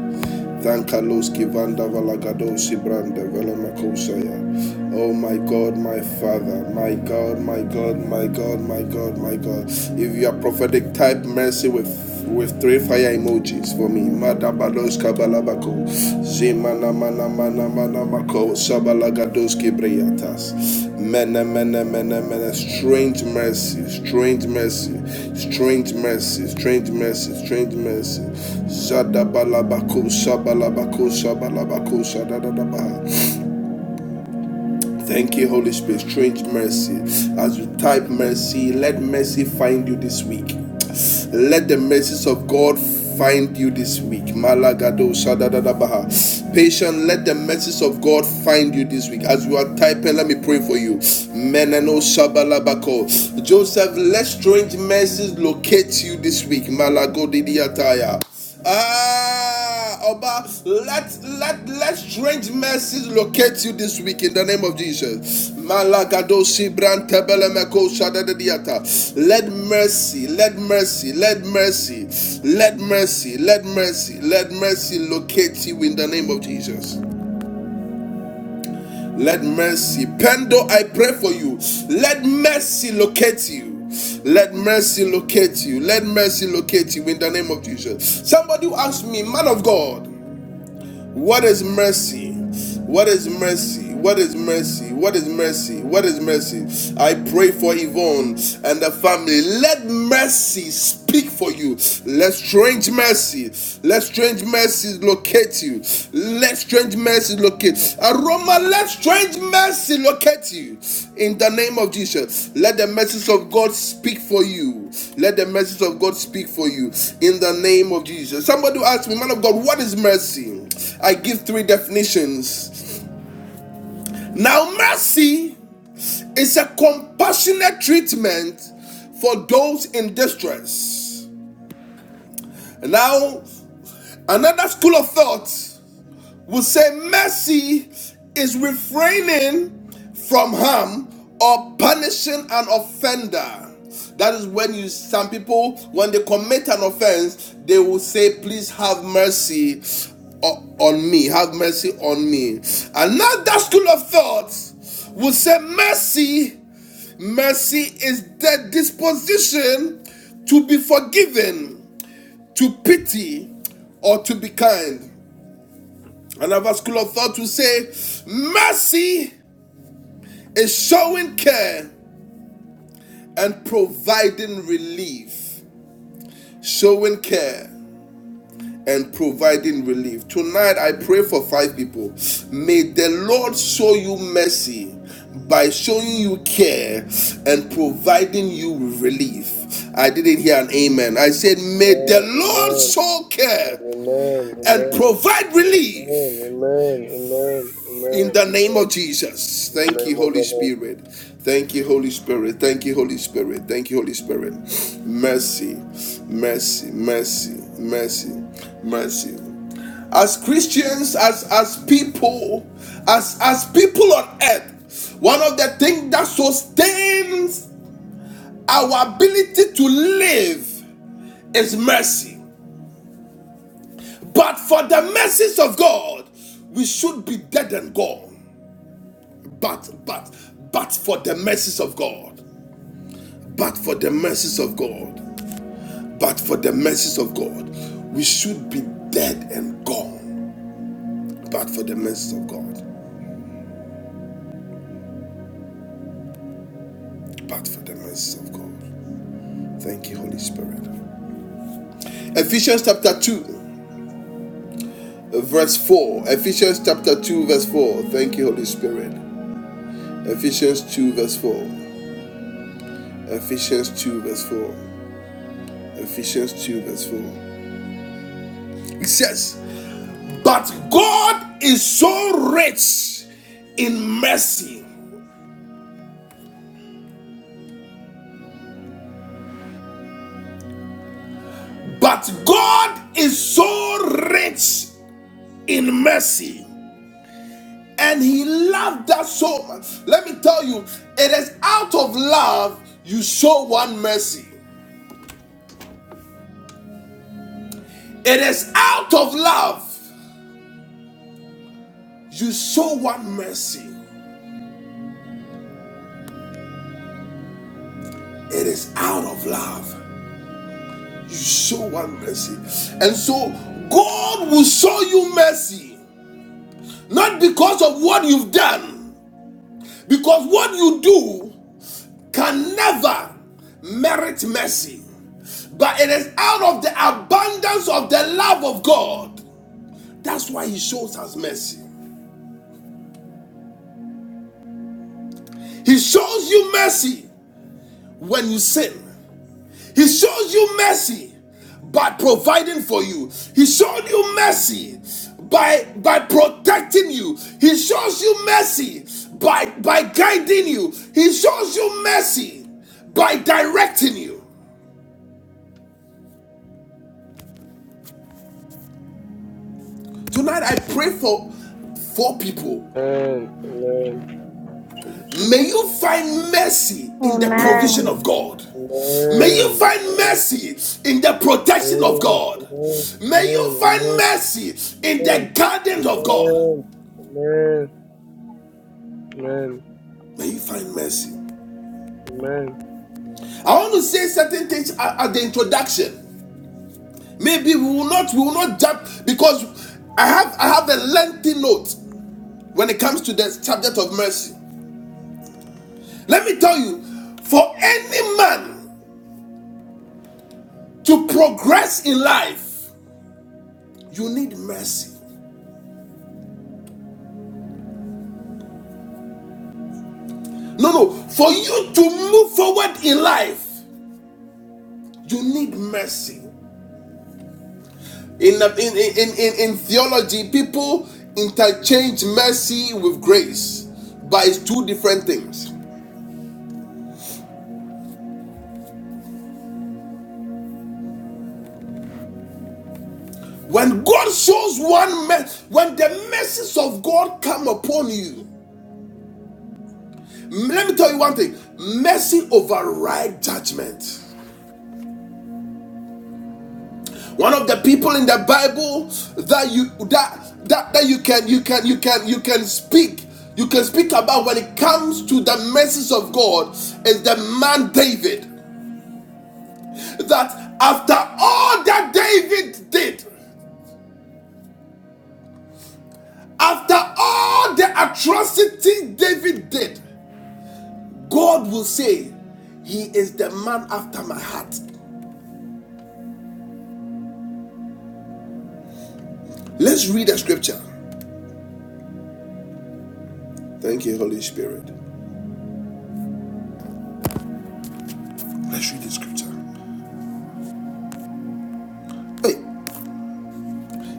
Thank Kaloski Vanda Valagadosi Branda Velamakosaya. Oh my God, my Father, my God, my God, my God, my God, my God. If you are prophetic, type mercy with with three fire emojis for me. Madabados Kabalabako. Zeman Namana mana mana mako sabalagadoski breyatas. Mene mene mene mene. Strange mercy, strange mercy, strange mercy, strange mercy, strange mercy. Zada balabako sabalabako sabalabako sadadadaba. Thank you, Holy Spirit. Strange mercy. As you type mercy, let mercy find you this week. Let the mercies of God find you this week. Malagado Shadadadabaha. Patient, let the mercies of God find you this week. As you are typing, let me pray for you. Menano Shabalabako. Joseph, let strange mercies locate you this week. Malago Didiataya. Ah! Oba, let let let strange mercies locate you this week in the name of Jesus. Malagadoshi Let mercy, let mercy, let mercy, let mercy, let mercy, let mercy locate you in the name of Jesus. Let mercy, Pendo, I pray for you. Let mercy locate you. Let mercy locate you. Let mercy locate you in the name of Jesus. Somebody asked me, man of God. What is mercy? What is mercy? What is mercy? What is mercy? What is mercy? I pray for Yvonne and the family. Let mercy speak for you. Let strange mercy, let strange mercy locate you. Let strange mercy locate. Aroma, let strange mercy locate you. In the name of Jesus, let the message of God speak for you. Let the message of God speak for you. In the name of Jesus. Somebody asked me, man of God, what is mercy? I give three definitions. Now, mercy is a compassionate treatment for those in distress. Now, another school of thought Will say mercy is refraining from harm or punishing an offender. That is when you some people when they commit an offense, they will say, "Please have mercy o- on me. Have mercy on me." Another school of thought will say, "Mercy, mercy is the disposition to be forgiven, to pity, or to be kind." Another school of thought will say, mercy is showing care and providing relief. Showing care and providing relief. Tonight, I pray for five people. May the Lord show you mercy by showing you care and providing you relief. I didn't hear an amen. I said, May the Lord show care
Amen, amen,
and
amen,
provide
amen,
relief
amen, amen, amen, amen,
In the name
amen.
of Jesus.
In the
Thank
name
you,
of
Holy
the Lord.
Spirit. Thank you, Holy Spirit. Thank you, Holy Spirit. Thank you, Holy Spirit. Mercy, mercy, mercy, mercy, mercy. As Christians, as as people, as as people on earth, one of the things that sustains our ability to live is mercy. But for the mercies of God, we should be dead and gone. But, but, but for the mercies of God, but for the mercies of God, but for the mercies of God, we should be dead and gone. But for the mercies of God, but for the mercies of God. Thank you, Holy Spirit. Ephesians chapter 2, verse 4. Ephesians chapter 2, verse 4. Thank you, Holy Spirit. Ephesians 2, verse 4. Ephesians 2, verse 4. Ephesians 2, verse 4. It says, But God is so rich in mercy. But God is so rich in mercy. And He loved us so much. Let me tell you, it is out of love you show one mercy. It is out of love you show one mercy. It is out of love you show one mercy. And so God will show you mercy, not because of what you've done Because what you do can never merit mercy, but it is out of the abundance of the love of God. That's why He shows us mercy. He shows you mercy when you sin, He shows you mercy by providing for you, He showed you mercy. By, by protecting you, he shows you mercy. By, by guiding you, he shows you mercy. By directing you. Tonight I pray for four people.
Amen. Amen. Jesus.
May you find mercy in the provision
Amen. Amen.
of
Amen.
God. May you
Amen.
find mercy in the
Amen.
protection of
Amen.
God.
Amen.
May
Amen.
you find mercy in the
Amen.
gardens
Amen.
of God.
Amen. Amen. Amen. Amen.
May you find mercy. I want to say certain things at, at the introduction. Maybe we will not we will not jump because I have I have a lengthy note when it comes to the subject of mercy. Let me tell you, for any man To progress in life, you need mercy. No, no. For you to move forward in life, you need mercy. In, in, in, in, in theology, people interchange mercy with grace, but it's two different things. When God shows one mercy, when the mercies of God come upon you, let me tell you one thing mercy overrides judgment. one of the people in the bible that you that that, that you can you can you can you can speak you can speak about when it comes to the message of god is the man david that after all that david did after all the atrocity david did god will say he is the man after my heart let's read the scripture thank you holy spirit let's read the scripture hey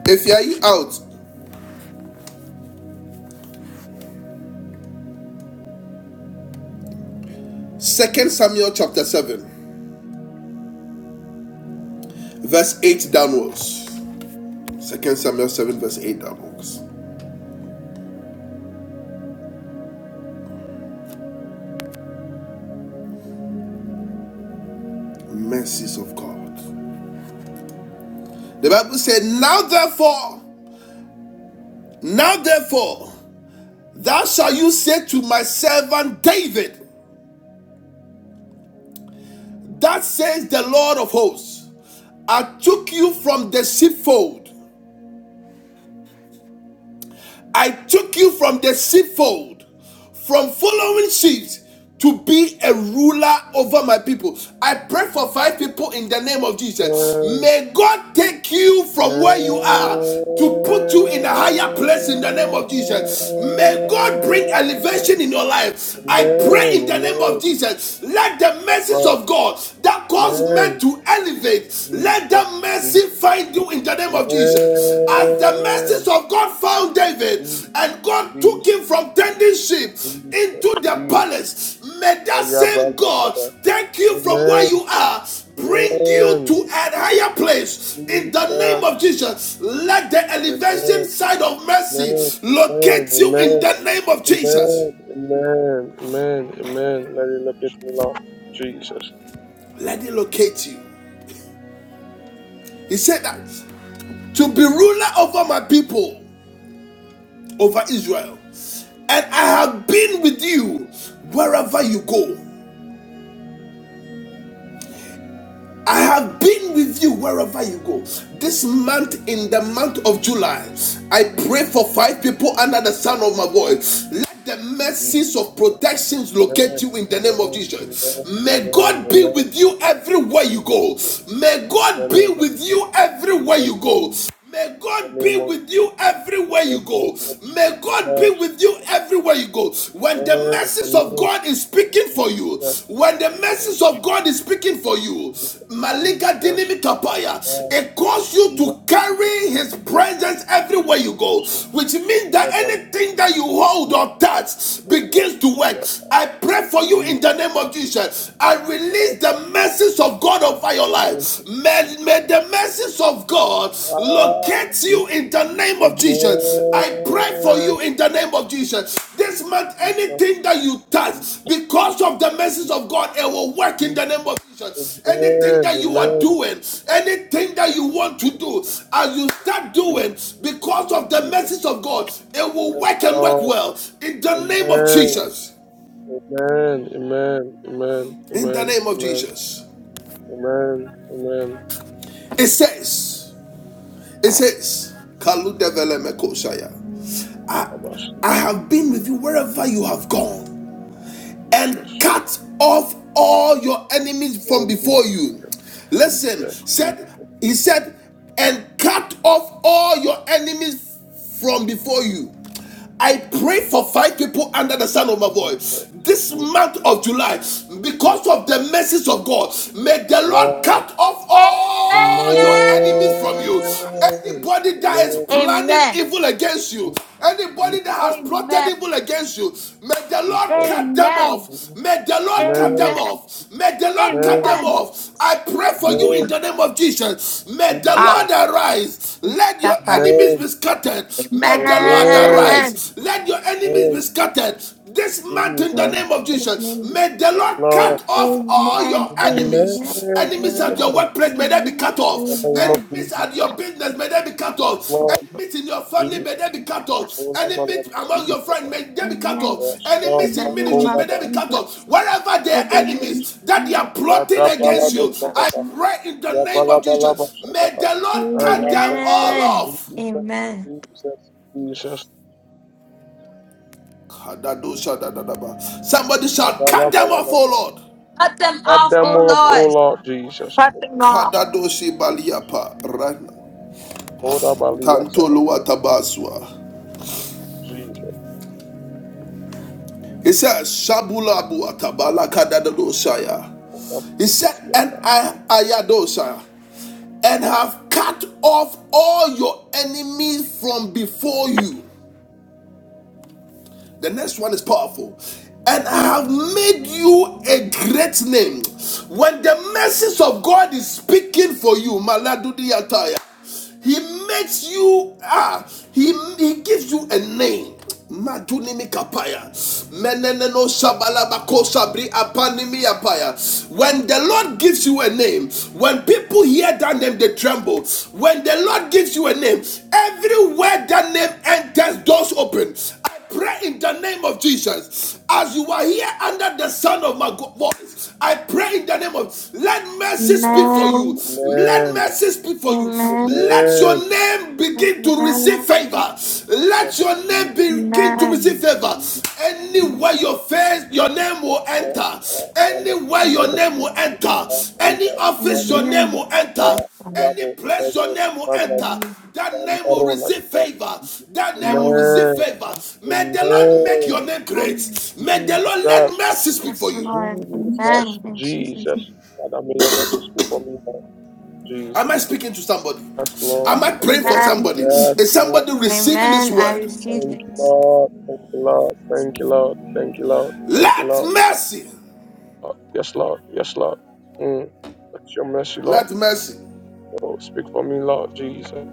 if you are out Second Samuel chapter 7, verse 8 downwards. Second Samuel 7, verse 8 downwards. Mercies of God. The Bible said, Now therefore, now therefore, thou shalt you say to my servant David, That says the Lord of hosts, I took you from the sheepfold I took you from the sheepfold, from following sheep to be a ruler over my people. I pray for five people in the name of Jesus. May God take you from where you are to put you in a higher place in the name of Jesus. May God bring elevation in your life.
Amen. Amen.
I pray
Amen.
in the name
Amen.
of Jesus. Let the
Yes,
message
Lord.
of God that calls
Amen.
men to elevate, let
Jesus.
that
Jesus.
mercy find you in the name of Jesus. As the mercies
Amen.
of God found David and God
Jesus.
took him from tending sheep
Jesus,
into the
Jesus.
palace, may that same God
Ayabalagada.
take you from where
Amen.
you are, bring you
Amen.
to a higher place in the name
Jesus.
of
Jesus.
Jesus. Let the elevation
Amen.
side of
Amen.
mercy
Amen.
locate you in the name of
Amen.
Jesus.
Amen. Amen. Amen. Amen. Let it look at me, Lord. Jesus.
Let it locate you. He said that to be ruler over my people, over Israel, and I have been with you wherever you go. I have been with you wherever you go. This month, in the month of July, I pray for five people under the sound of my voice. Let the mercies
Jesus.
of
Amen.
protections locate
Amen.
you in the name of Jesus.
Amen.
May
Amen.
God be
Amen.
with you everywhere you go. May God
In
be
the name of
with you
in
everywhere you go. May
the
God
name
be
of
with you
in
everywhere you
the name
go.
of
May God be
Jesus.
with you everywhere you go. When the
Amen.
message of
Amen.
God is speaking for you,
Jesus.
when the message of God is speaking for you, Malika
Rush
Dinimikapaya,
and
it calls you
Elon
to carry
Musk
His presence everywhere
is
you go, which means that
about
anything that you hold
the
or touch
whole of
begins to work.
Russia.
I pray for you
We
in the
such
name of Jesus. I release the message of God over
a
your
more
life. May, may the mercies of God
ah,
locate
We
you in the name of Jesus. I pray for
more
you in the name of Jesus. This month,
We just
anything that you touch, because of the mercies of God, it will work in
We
the
just
name
We
of
the
Jesus. Anything that you are
Lord,
doing,
is
anything that you want to do, as you start doing, because of the mercies of God, it will work and work well in the name of Jesus.
and Amen, Amen. Amen.
In the
Amen.
name of
Amen. Amen.
Jesus.
Amen.
It says, It
Amen.
says, Kaludevelemekosaya, I
Abashiach,
have been with you wherever you have gone and
Jesus.
cut off all your enemies from
Oh,
before you.
Jesus,
Listen,
Jesus,
said
Jesus,
he said, and cut off all your enemies from before you. I pray for five people under the sound of my voice.
Jesus,
This
Jesus,
month of July,
Jesus,
because of the mercies of God, may the Lord
Lord.
cut off all your enemies from you.
Amen.
Anybody that is
Lord,
planning
Amen.
evil against you,
Jesus,
anybody that has plotted
Amen.
evil against you, may the Lord
Jesus,
cut them
Amen.
Amen,
off. May the Lord cut them off. May the Lord cut them
Amen,
Amen.
off. I pray for you in
Amen,
Amen.
the name of Jesus. May the
Ah,
Jesus,
Lord arise. Let your
stop up.
enemies be
Amen,
scattered. May
Amen.
the Lord
Amen,
Amen.
arise. Let your enemies be
Amen,
scattered this month in the
Jesus,
name of Jesus. May the
yes,
Lord
Lord.
cut off all
Amen. Amen.
your
Amen.
enemies. Enemies at your
Amen.
workplace, may they be cut
In the
off.
name of
Amen.
Enemies at your
Jesus,
Amen.
business, may they be cut
yes,
off.
Lord.
Enemies in your family, may
Jesus.
they be cut off. Enemies among your
Olabalabasibiyata.
friends, may they be cut
Amen.
off.
In
Enemies
the
in
name
ministry, may
of
they
Yasmamakoraba.
be cut off.
Jesus.
Wherever they
In
are
the
Kaboskas.
name
enemies
of
that they
Jesus.
are plotting
In the
against you,
name of
I
Jesus.
Yadabalabasadabaha.
pray in the name of Jesus, may
Yabalabalabasadaha.
the Lord cut them
Ayatosa.
all
Amen.
off.
Jesus,
Amen.
Jesus, Jesus.
Somebody shall cut them off,
Abalabalaba.
oh Lord.
Cut them
Add
off,
them
oh
off, O
Lord.
Lord Jesus.
Cut them off.
right now.
Kodabaliyata.
Tantolo atabaswa.
Jesus.
He said, Shabulabu atabala kadadadosaya. He said,
Kodabaliyata.
and I ayadosaya, and have cut off all your enemies from before you. The next one is powerful. And I have made you a great name. When the message of God is speaking for you, Maladudi ataya. He makes you ah, he, he gives you a name. Madunimi kapaya. Meneneno shabalabako sabri apanimi apaya. When the Lord gives you a name, when people hear that name, they tremble. When the Lord gives you a name, everywhere that name enters, doors open. I pray in the name of Jesus, as you are here under the sound of my voice, I pray in the name of let mercy speak for you.
Amen.
Let
Amen.
mercy speak for you.
Amen.
Let your
Amen.
name begin to receive
Amen.
favor. Let your name
Jesus.
begin to receive
Amen.
favor.
Jesus.
Amen.
Anywhere your
Jesus.
face, your name will enter. Anywhere your
Jesus.
name will enter. Any
Jesus.
office,
Jesus.
your name
Amen.
will enter.
My God.
Any
Labo,
place your
Magnus,
name will
Magnus,
enter,
Amen.
that
and
name will
Arona
receive
Shah.
favor.
Jesus.
That name will receive
Amen.
favor. May the Lord make
Amen.
your name
Amen.
great. May the Lord
Jesus.
let mercy speak
Yes,
for you.
Lord.
Jesus.
Amen. In Jesus'
Jesus.
name.
Father, may your mercy speak for me now. Jesus.
Am I speaking to somebody?
Yes, Lord.
Am I
Yes,
praying for
Lord.
Amen.
somebody?
Yes,
Is
yes.
somebody receiving this
Amen. I
word?
receive
Thank you,
it.
Lord. Thank you, Lord. Thank you, Lord. Thank you, Lord. Thank you,
Let
Lord.
mercy,
Oh, Yes, Lord. Yes, Lord. Mm. That's your mercy, Lord.
let mercy,
Oh, speak for me, Lord Jesus.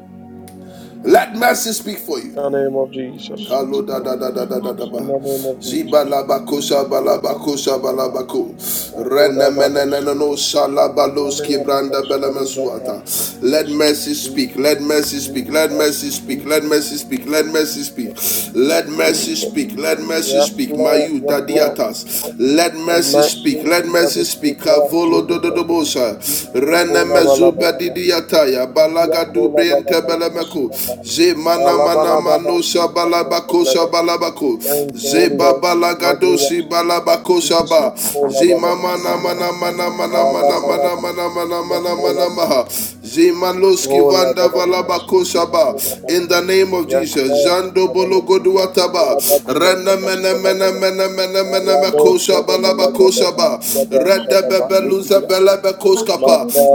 let mercy speak for you.
In the name of
Thank
Jesus.
you,
Kalo da
Jesus.
In the
da
name
da
of
da da da
Amen.
da
Jesus.
ba.
In the name of
Ziba
Jesus.
la ba ko sha ba la
Oh,
ba
that
ko
is
ba la
better.
ba ko.
My God,
Rene
have
mene
others.
no sha la
In the name
ki
of
branda
Jesus.
bela
I believe that I have
mesuata Let mercy speak.
Jesus,
Let mercy speak. Let
Jesus,
mercy speak. Let
Jesus,
mercy
Jesus,
speak. Let mercy speak.
Jesus, Jesus,
Let mercy
Jesus.
speak. Let mercy
Yes,
speak.
Lord.
Mayu
Yes, Lord. Yes, Lord.
dadiatas. Let
Oh,
mercy speak.
mercy.
Let
That
mercy
is good,
speak.
Lord.
Kavo bolo do do do
Jesus.
bosa.
Jesus.
Rene
O la, la, la, la,
mezuba
la, la.
didiataya
Stevia,
balaga
oh, la, la, la,
dubriente
la, la, la,
belemeku.
la, la.
Ze
Ah,
mana
la, la,
mana
la, la, la,
mano
la, la, la,
shabalabako
la, la.
shabalabako.
Thank you,
Ze
Holy Ghost.
babalaga dosi
Maglias,
balabako
Vividia,
shaba.
Shata
Ola
Ze
baranda
Balaba,
mama na
Studio,
basaka
mana mana
pariana
mana
Ala
mana mana
Balaba,
masonza.
mana mana
Studio,
mana
Ola
mana maha.
Balaba,
Ze maloski
Ola
vanda
Simple
Balaba,
balabako
function.
Vividia,
shaba.
Ola
In
Balaba.
the name name of
Yes,
Jesus.
Lord, in
Jando
the name
bolo
of
Amen.
Jesus.
goduataba.
Ola Badia,
Rana
Laba,
mena mena
Stabalaba,
mena mena mena
Maya Do,
Makosa
Shada
balaba
Balaga,
kosha ba.
Daba, Daba,
Rada
Shada Ba,
bebeluza
Likidia,
belebe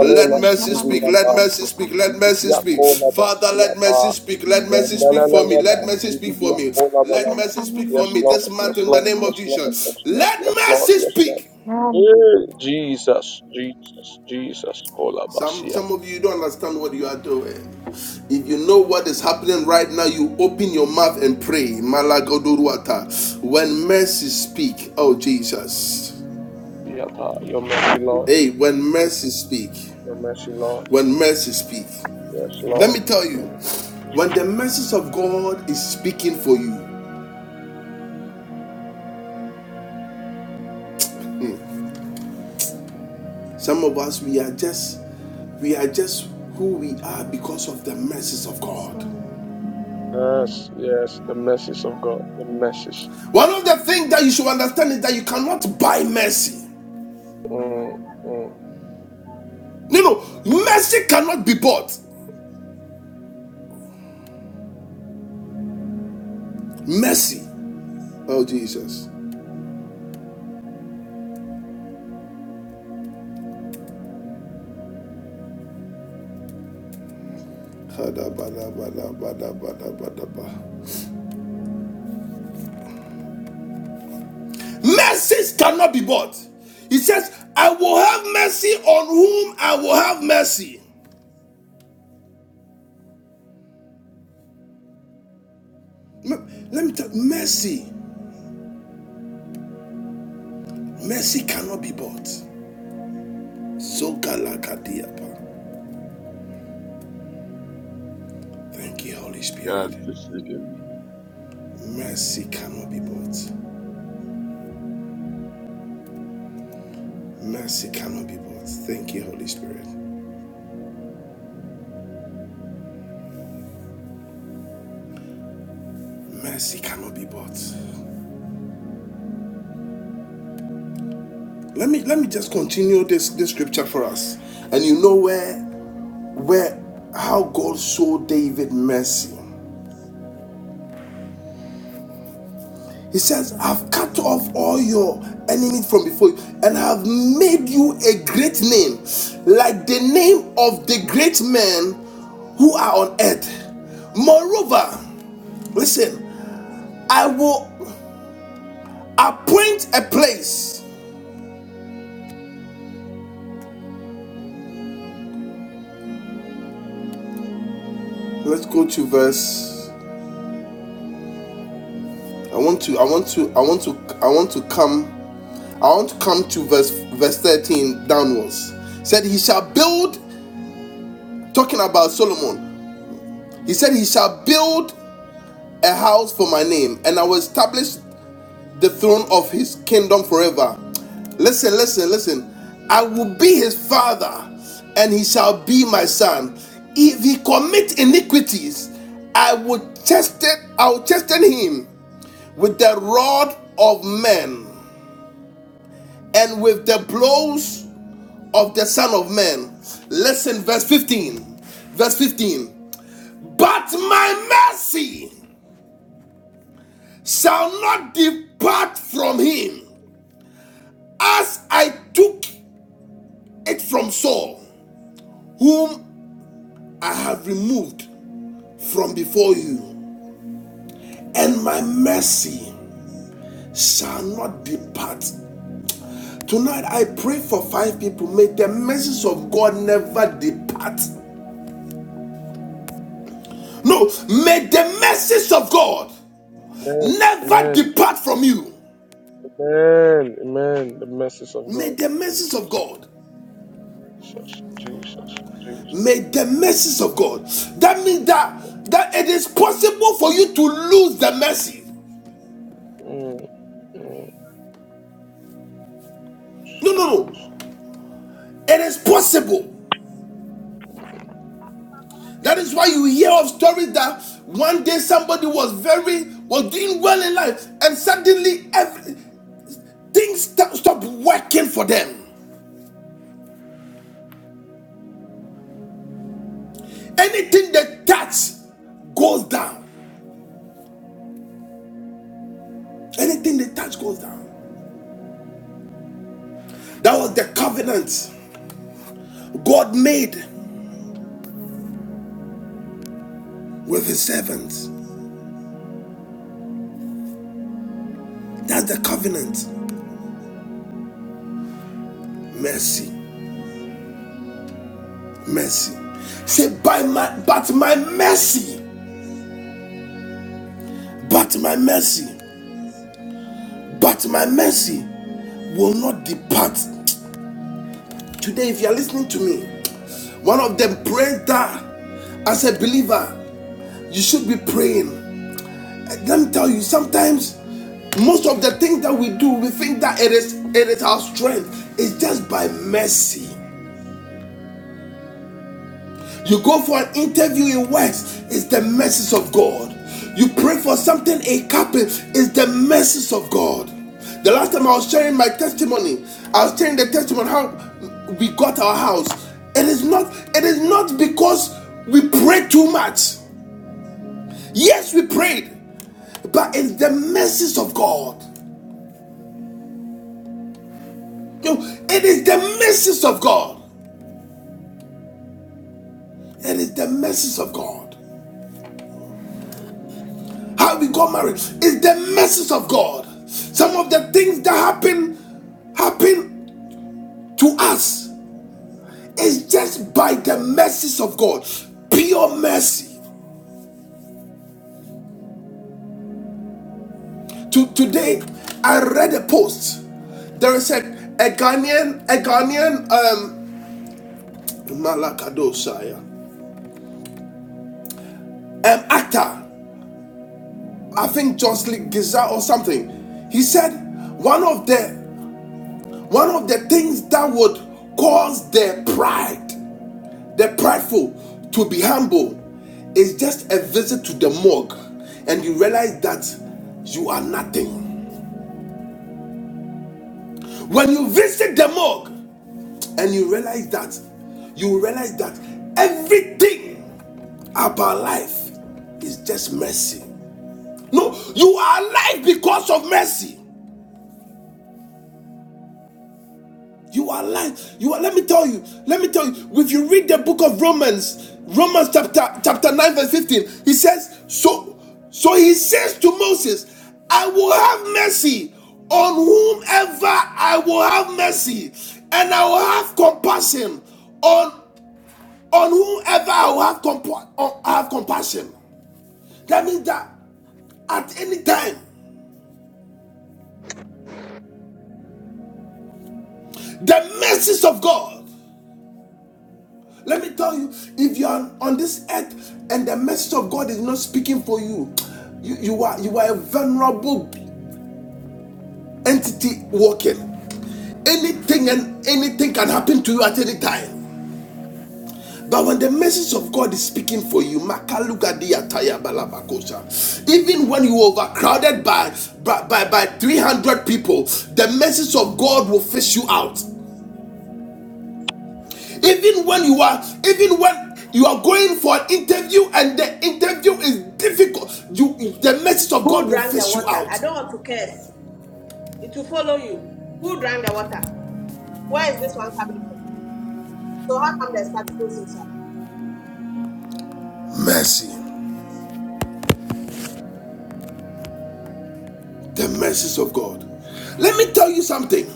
Let mercy speak.
Smidia,
Let
Ba,
mercy speak. Let mercy
Vividia,
speak.
Ola Ba,
Father, let
Smidia,
mercy speak. Let mercy speak for me.
Yandalalaba,
Let mercy speak for
Sibidia,
me. Let
Kolabalaba.
mercy speak
Yes,
for me.
Lord,
This month
yes,
in the
Lord,
name of
yes, Lord,
Jesus.
yes, Lord,
Let
yes, Lord,
mercy
yes, Lord.
speak.
Hey, Jesus, Jesus, Jesus,
Some
Kolabasia,
some of you don't understand what you are doing. If you know what is happening right now, you open your mouth and pray. Malagodoruata. When mercy speak, oh Jesus.
Yata, your mercy, Lord,
Hey, when mercy speak,
your mercy, Lord,
when
Jesus,
mercy speak.
yes,
Let
Lord.
me tell you, when the message of God is speaking for you, some of us we are just we are just who we are because of the mercies of
Yes,
God.
Lord. Amen.
Yes, yes, the message of God, the message.
One of the things that you should understand is that you cannot buy mercy.
Mm, mm.
No, no, mercy cannot be bought. Mercy. Oh, Jesus. Mercies cannot be bought. He says, I will have mercy on whom I will have mercy. Let me tell you, mercy. Mercy cannot be bought. Thank you, Holy
It's
Spirit.
God's decision.
Mercy cannot be bought. Mercy cannot be bought. Thank you, Holy Spirit. Mercy cannot be bought. Let me let me just continue this this scripture for us, and you know where where how God showed David mercy. He says, "I've cut off all your enemies from before you, and have made you a great name, like the name of the great men who are on earth." Moreover, listen, I will appoint a place. Let's go to verse. I want to. I want to. I want to. I want to come. I want to come to verse verse 13 downwards. Said he shall build, talking about Solomon. He said he shall build a house for my name, and I will establish the throne of his kingdom forever. Listen, listen, listen. I will be his father, and he shall be my son. If he commit iniquities, I will chasten, I will chasten him with the rod of men and with the blows of the Son of Man. Listen, verse 15. Verse 15. But my mercy shall not depart from him, as I took it from Saul, whom I have removed from before you, and my mercy shall not depart. Tonight I pray for five people. May the mercies of God never depart. No, may the mercies of God
Amen,
never
amen,
depart from you.
amen, amen, the message of
May
God,
the mercies
Jesus,
of God,
Jesus, Jesus, Jesus.
may the mercies of God. That means that that it is possible for you to lose the mercy.
Mm,
No, no,
mm.
no. It is possible. That is why you hear of stories that one day somebody was very was doing well in life, and suddenly every, things st- stop working for them. Anything they touch goes down. Anything they touch goes down. That was the covenant God made with his servants. That's the covenant. mercy, mercy. Say, by my, but my mercy, but my mercy, but my mercy will not depart. Today, if you are listening to me, one of them prayed that as a believer, you should be praying. Let me tell you, sometimes most of the things that we do, we think that it is it is our strength. It's just by mercy. You go for an interview, it works. It's the mercies of God. You pray for something, it happens. It's the mercies of God. The last time I was sharing my testimony, I was sharing the testimony how we got our house. It is not. It is not because we prayed too much. Yes, we prayed, but it's the mercies of God. it is the mercies of God. It is the mercies of God. how we got married is the message of God. Some of the things that happen happen to us is just by the message of God. Pure mercy. To, today, I read a post. There is a, a Ghanaian, a Ghanaian um, Malakadosaya, um, actor. I think Jocelyn Giza or something. He said one of the one of the things that would cause their pride The prideful to be humble is just a visit to the morgue and you realize that you are nothing. When you visit the morgue and you realize that, you realize that everything about life is just mercy. No, you are alive because of mercy. You are light. You are. Let me tell you. Let me tell you. If you read the book of Romans, Romans chapter chapter nine verse fifteen, he says, "So, so he says to Moses, I will have mercy on whomever I will have mercy, and I will have compassion on on whomever I will have compa- on- I have compassion." That means that at any time, the mercies of God Let me tell you, if you are on this earth and the message of God is not speaking for you, you, you are you are a vulnerable entity walking. Anything and anything can happen to you at any time. But when the message of God is speaking for you, Makalugadia Taya Balabakosa, even when you are overcrowded by, by, by, by 300 people, the message of God will fish you out. Even when you are, even when you are going for an interview and the interview is difficult, you the message of God
Who
will
drank the
face you
water? I
out.
don't want to curse. It will follow you. Who drank the water? Where is this one coming from? So how come there's particles
Mercy. The mercies of God. Let me tell you something.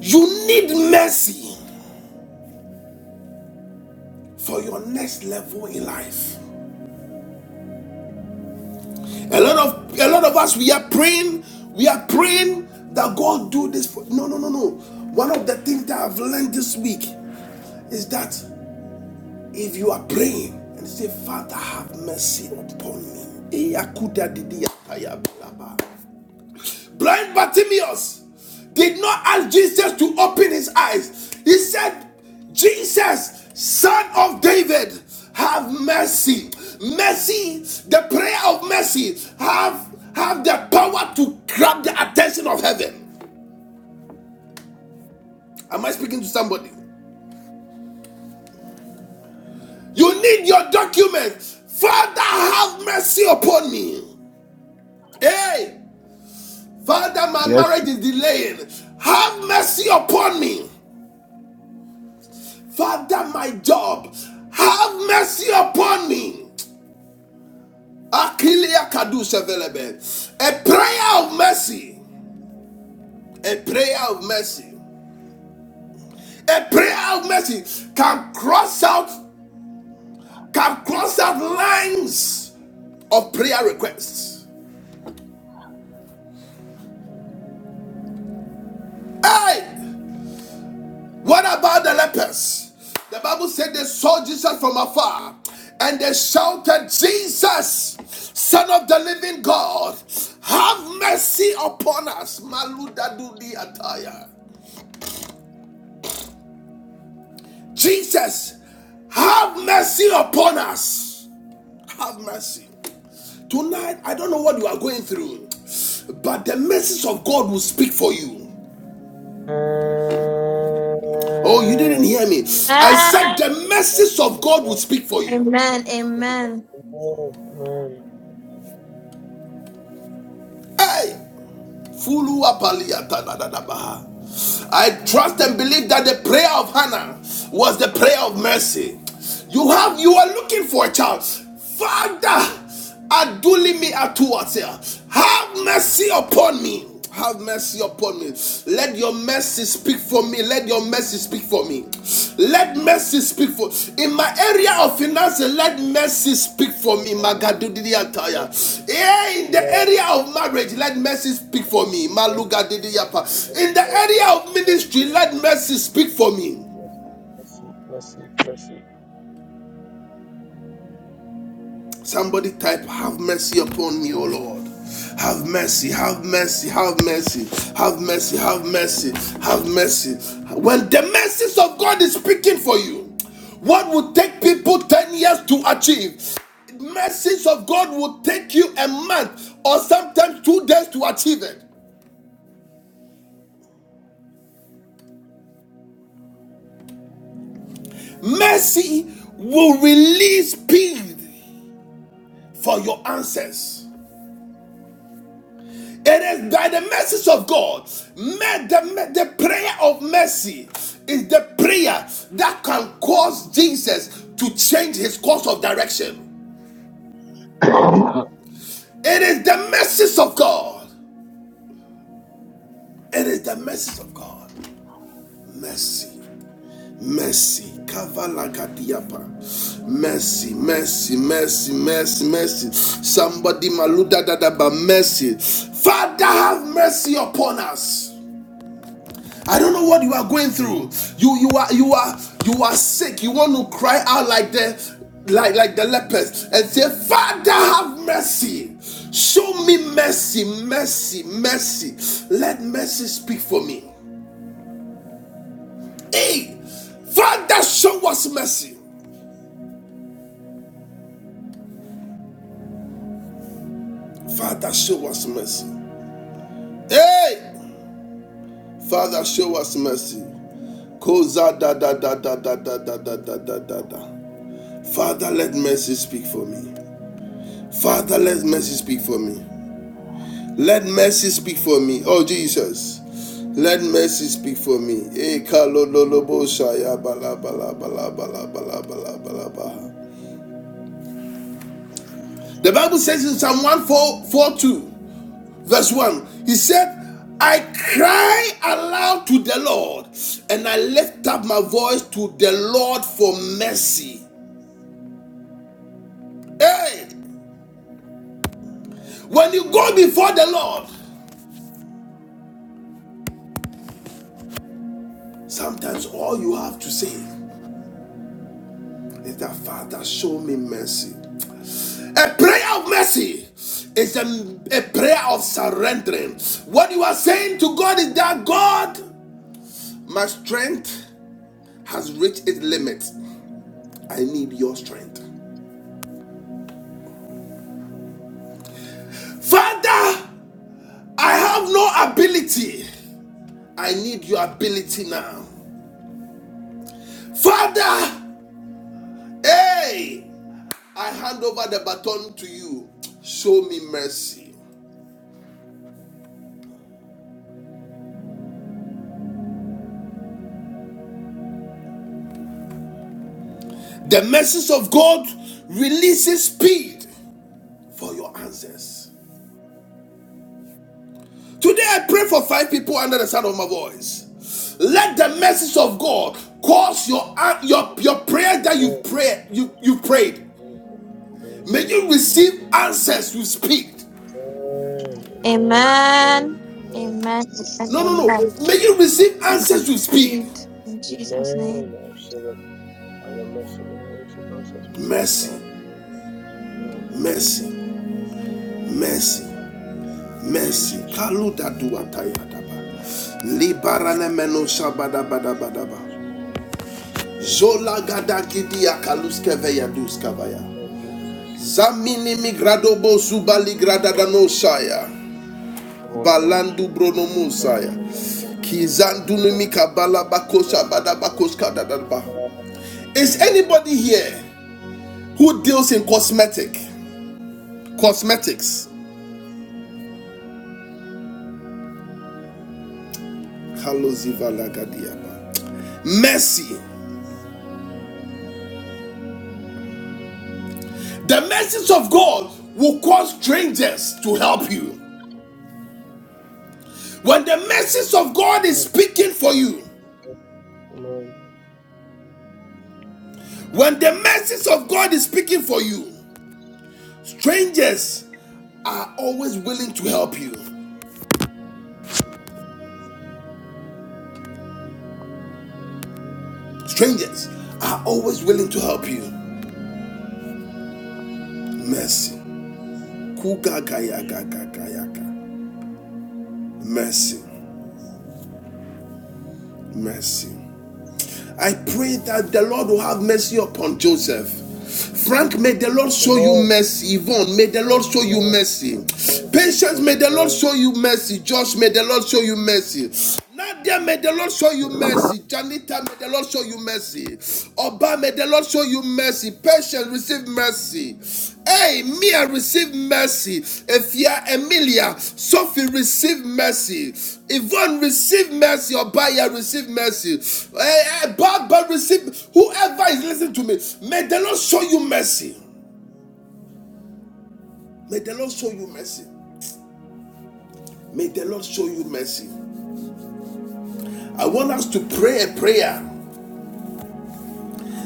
You need mercy for your next level in life. A lot of a lot of us we are praying, we are praying that God do this for no no no no. One of the things that I've learned this week is that If you are praying and say, Father, have mercy upon me. Blind Bartimaeus did not ask Jesus to open his eyes. He said, Jesus, son of David, have mercy. Mercy, the prayer of mercy, have, have the power to grab the attention of heaven. Am I speaking to somebody? You need your document. Father, have mercy upon me. Hey! Father, my
Yes.
marriage is delaying. Have mercy upon me. Father, my job. Have mercy upon me. Akilia Kadusha Velebe. A prayer of mercy. A prayer of mercy. A prayer of mercy can cross out, can cross out lines of prayer requests. Hey! What about the lepers? The Bible said they saw Jesus from afar and they shouted, Jesus, Son of the living God, have mercy upon us. Maludadudi ataya. Jesus, have mercy upon us. Have mercy. Tonight, I don't know what you are going through, but the message of God will speak for you. Oh, you didn't
Amen.
hear me. I said
Amen.
the message of God will speak for you.
Amen.
Amen.
Hey, I trust and believe that the prayer of Hannah was the prayer of mercy. You have you are looking for a child. Father, aduli me atuatia. Have mercy upon me have mercy upon me. Let your mercy speak for me. Let your mercy speak for me. Let mercy speak for in my area of finances. Let mercy speak for me. Magadudidiataya. Yeah, in the
Lord,
area of marriage, let mercy speak for me. Maluga Malugadidiyapa. In
Mercy,
the area of ministry, let mercy speak for me.
mercy, Lord, mercy, mercy, mercy,
Somebody type, Have mercy upon me, O Lord. Have mercy, have mercy, have mercy, have mercy, have mercy, have mercy. When the mercies of God is speaking for you, what would take people 10 years to achieve, mercies of God will take you a month or sometimes two days to achieve it. Mercy will release speed for your answers. It is by the message of God. The, the prayer of mercy is the prayer that can cause Jesus to change his course of direction. It is the message of God. It is the message of God. Mercy, mercy, kavalagadiapa. Mercy, mercy, mercy, mercy, mercy. Somebody maluda dada ba mercy. Father, have mercy upon us. I don't know what you are going through. You you are you are you are sick. You want to cry out like the like like the lepers and say, Father, have mercy. Show me mercy, mercy, mercy. Let mercy speak for me. Hey, Father, show us mercy. Father, show us mercy. Hey, Father, show us mercy. Koza da da da da da da da da da da da da. Father, let mercy speak for me. Father, let mercy speak for me. Let mercy speak for me. Oh, Jesus. Let mercy speak for me. Eh, kalololobo shaya bala bala bala bala bala The Bible says in Psalm 142, verse 1, He said, I cry aloud to the Lord, and I lift up my voice to the Lord for mercy. Hey, when you go before the Lord, sometimes all you have to say is that Father, show me mercy. A prayer of mercy is a, a prayer of surrendering. What you are saying to God is that God, my strength has reached its limits. I need your strength. Father, I have no ability. I need your ability now. Father, hey, I hand over the baton to you. Show me mercy. The mercies of God releases speed for your answers. Today I pray for five people under the sound of my voice. Let the message of God cause your your your prayer that you
Lord,
pray you you prayed.
Jesus,
May you
Jesus, Jesus.
receive answers with speed.
Amen, Amen,
Amen.
Amen,
Amen.
No, no,
Amen. Amen.
no. May you receive answers with speed.
Indeed. In
Amen,
Jesus'
Amen.
name.
I say that I am not singing worship answers with speed,
Mercy,
Lord. Mm, Jesus,
mercy,
Jesus,
mercy, mercy.
Jesus.
Kaluda duatayadaba. Libarane meno shabada bada bada ba.
Oh Jesus,
Zola gada gidia kaluskeve yaduskavaya.
oh Jesus,
Zamini migradobo subali
oh Lord God,
gradadanosaya.
the Holy Ghost,
Balandu
thank you,
bronomusaya.
Holy Ghost, thank you,
Kizandunimi
Holy Ghost,
kabala
thank you,
bakosha
Holy Ghost,
badabakoshka dadadaba.
Father,
Is
Jesus,
anybody here who deals in cosmetic? Cosmetics. Kaloziva lagadiaba. Mercy. The mercies of God will cause strangers to help you. When the mercies of God is speaking for you,
Amen,
when the mercies of God is speaking for you, Strangers are always willing to help you. Strangers are always willing to help you. Mercy. Kugagayagagagayaka. Mercy. Mercy. I pray that the Lord will have mercy upon Joseph. Frank, may the Lord show you
Amen,
mercy. Yvonne, may the Lord
Amen,
show you
Amen,
mercy.
Amen,
Patience, may the Lord
Amen,
show you mercy. Josh, may the Lord show you mercy. Nadia, may the Lord show you mercy. Janita, may the Lord show you mercy. Oba, may the Lord show you mercy. Patience, receive mercy. Hey, Mia, receive mercy. Efia, Emilia, Sophie, receive mercy. Yvonne, receive mercy. Obaya, receive mercy. Hey, hey, Baba, receive. Whoever is listening to me, may the Lord show you mercy. May the Lord show you mercy. May the Lord show you mercy. I want us to pray a prayer.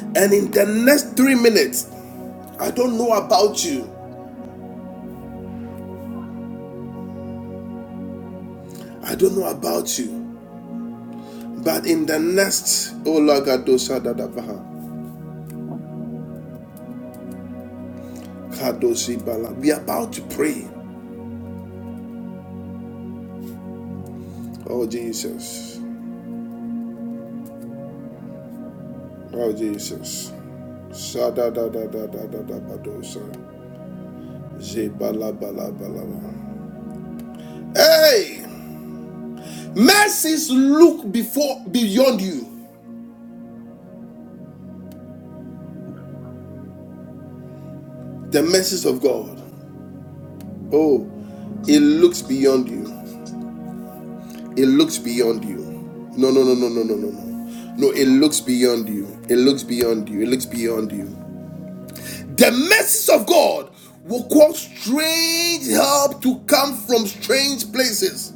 And in the next three minutes, I don't know about you. I don't know about you. But in the next, oh Lagadosa Dadavaha, Kadosi Bala, we are about to pray. Oh Jesus, oh Jesus. Sada Zebala bala Hey! Mercies look before beyond you. The mercies of God. Oh, it looks beyond you. It looks beyond you. No, no, no, no, no, no, no, no. No, it looks beyond you. It looks beyond you. It looks beyond you. The mercies of God will cause strange help to come from strange places.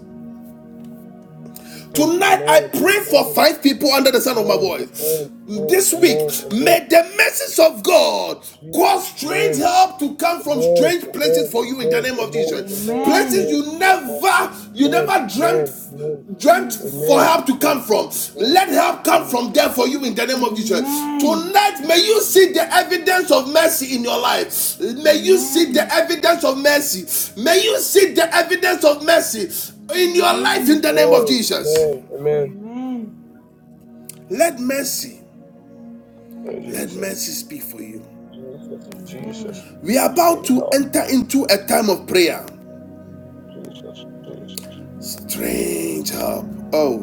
Amen, Amen, Amen, Amen, Amen, Amen, Amen, Jesus, Amen, Amen, Amen, Amen, Amen, Amen, Amen,
Tonight,
Amen, Amen,
I pray for five people under the sound of my
Amen,
voice. This week, may the message of God cause strange help to come from strange places for you in the name of Jesus. Places
Amen.
you never, you never dreamt dreamt
Jesus.
for
Amen, Amen,
help to
Amen,
come from. Let help come
Jesus.
from there for you in the name of Jesus.
Amen.
Tonight, may you see the evidence of mercy in your life. May you see the
Amen.
evidence of mercy. May you see the evidence of mercy in your life in
Amen.
Amen.
the name of Jesus.
Amen. Amen.
Amen.
Let mercy,
Oh,
let
Jesus.
mercy speak for you.
Jesus.
Amen.
Jesus.
We are
Give
about
me
to
help.
enter into a time of prayer.
Jesus. Jesus.
Strange help. Oh,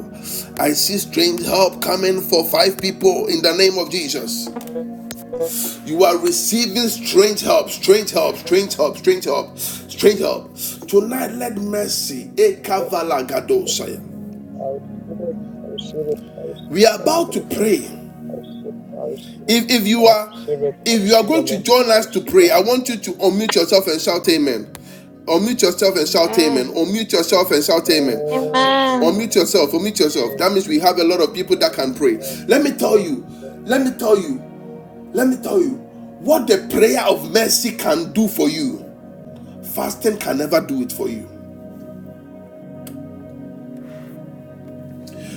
I see strange help coming for five people in the name of Jesus.
I
You are receiving strange help, strange help, strange help, strange help, strange help. Tonight, let mercy. Ekavalagadoshaya.
receive it. I receive it. I
We are about to
receive it.
pray
I receive it. I
If if you are
receive it. I receive it. I receive it. I receive it. I
if you are
receive that
going to
message.
join
I
us to
receive
pray, I want
that.
you to unmute yourself and shout amen. Unmute yourself and shout amen.
Amen.
Unmute yourself and shout amen.
Oh,
Amen.
Unmute
amen.
yourself,
Amen.
unmute yourself.
Amen.
That means we have a lot of people that can pray.
Amen.
Let me tell you,
Amen.
let me tell you, let me tell you what the prayer of mercy can do for you. Fasting can never do it for you.
Mm.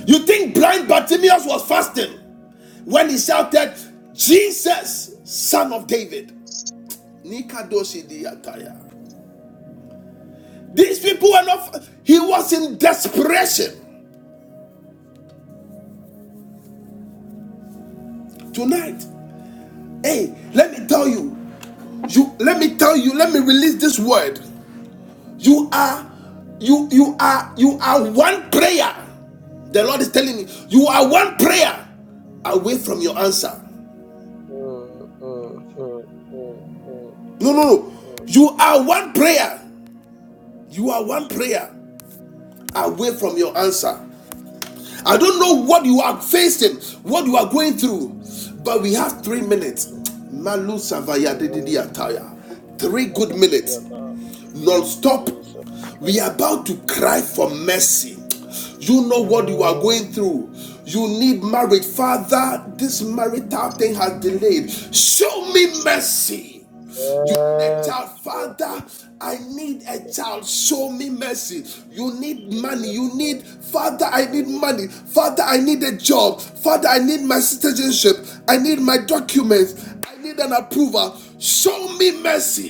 You think blind Bartimaeus was fasting when he shouted, Jesus, son of David. Nikadoshi diataya. These people were not, he was in desperation tonight. Hey, let me tell you, you let me tell you, let me release this word. You are, you, you are, you are one prayer. The Lord is telling me, you are one prayer away from your answer.
Mm, mm, mm, mm, mm,
No, no,
mm,
no.
mm.
You are one prayer. You are one
Jesus.
prayer away from your answer. I don't know
Jesus.
what you are facing, what you are going through, but we have three minutes.
Jesus.
Malu Savaya
Jesus.
Dididi Ataya. Three
Jesus.
good minutes, non
Mm,
stop.
Jesus.
We are about to cry for mercy. You know what you are going through. You need marriage. Father, this marital
Mm,
thing has delayed. Show me
Jesus,
mercy a
Yes,
child
God, Lord
father i need a
Jesus.
child show me mercy you need
Show me
money
what
you need
Lord
father
want.
i
Show
need
me what you
money father i need a job father i need my citizenship i need my documents i need an approval show me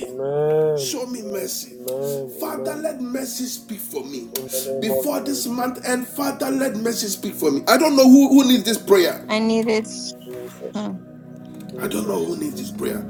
want. Amen.
show me
Yes,
mercy
Amen.
Father,
Amen.
let mercy speak for me.
In the name of
Before this
Jesus.
month end, Father, let mercy speak for me. I don't know who, who needs this prayer.
I need it.
Jesus.
Hmm.
I don't know
Jesus.
who needs this
Jesus.
prayer.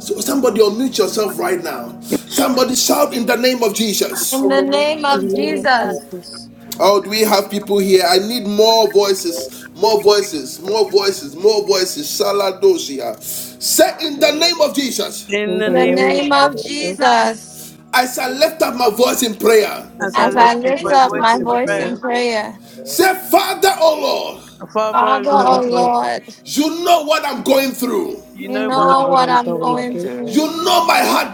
So somebody
Jesus.
unmute yourself right now. Somebody shout in
Jesus.
the name of Jesus.
In
In
the
the name
In the name
of
name
In the
of
name
of
of
Jesus.
Jesus.
Jesus,
Oh, do we have people here? I need more voices, more voices,
yes,
more voices, more voices. Saladosia. Say in the
All of
name
us.
of Jesus,
in
in
the
In
the
the
In
name
name
of
of
name
the
of
name of Jesus.
Jesus,
Jesus.
I shall lift up my voice in prayer.
as
as
I
I
As I
lift
lift
up
up
and
lift
my
my
we
up
voice
my
voice
give
in
in
voice
prayer,
in
prayer,
thanks
prayer.
to
Say, Father, oh Lord,
Father oh
Father,
God.
Father,
oh
Lord,
oh
Father,
Lord,
Lord,
you know what I'm going through.
you
you
know
you
what
know
I'm
know
what
You
what
know
I'm
I'm
going
what
going
I'm
through.
You
going
through.
know my heart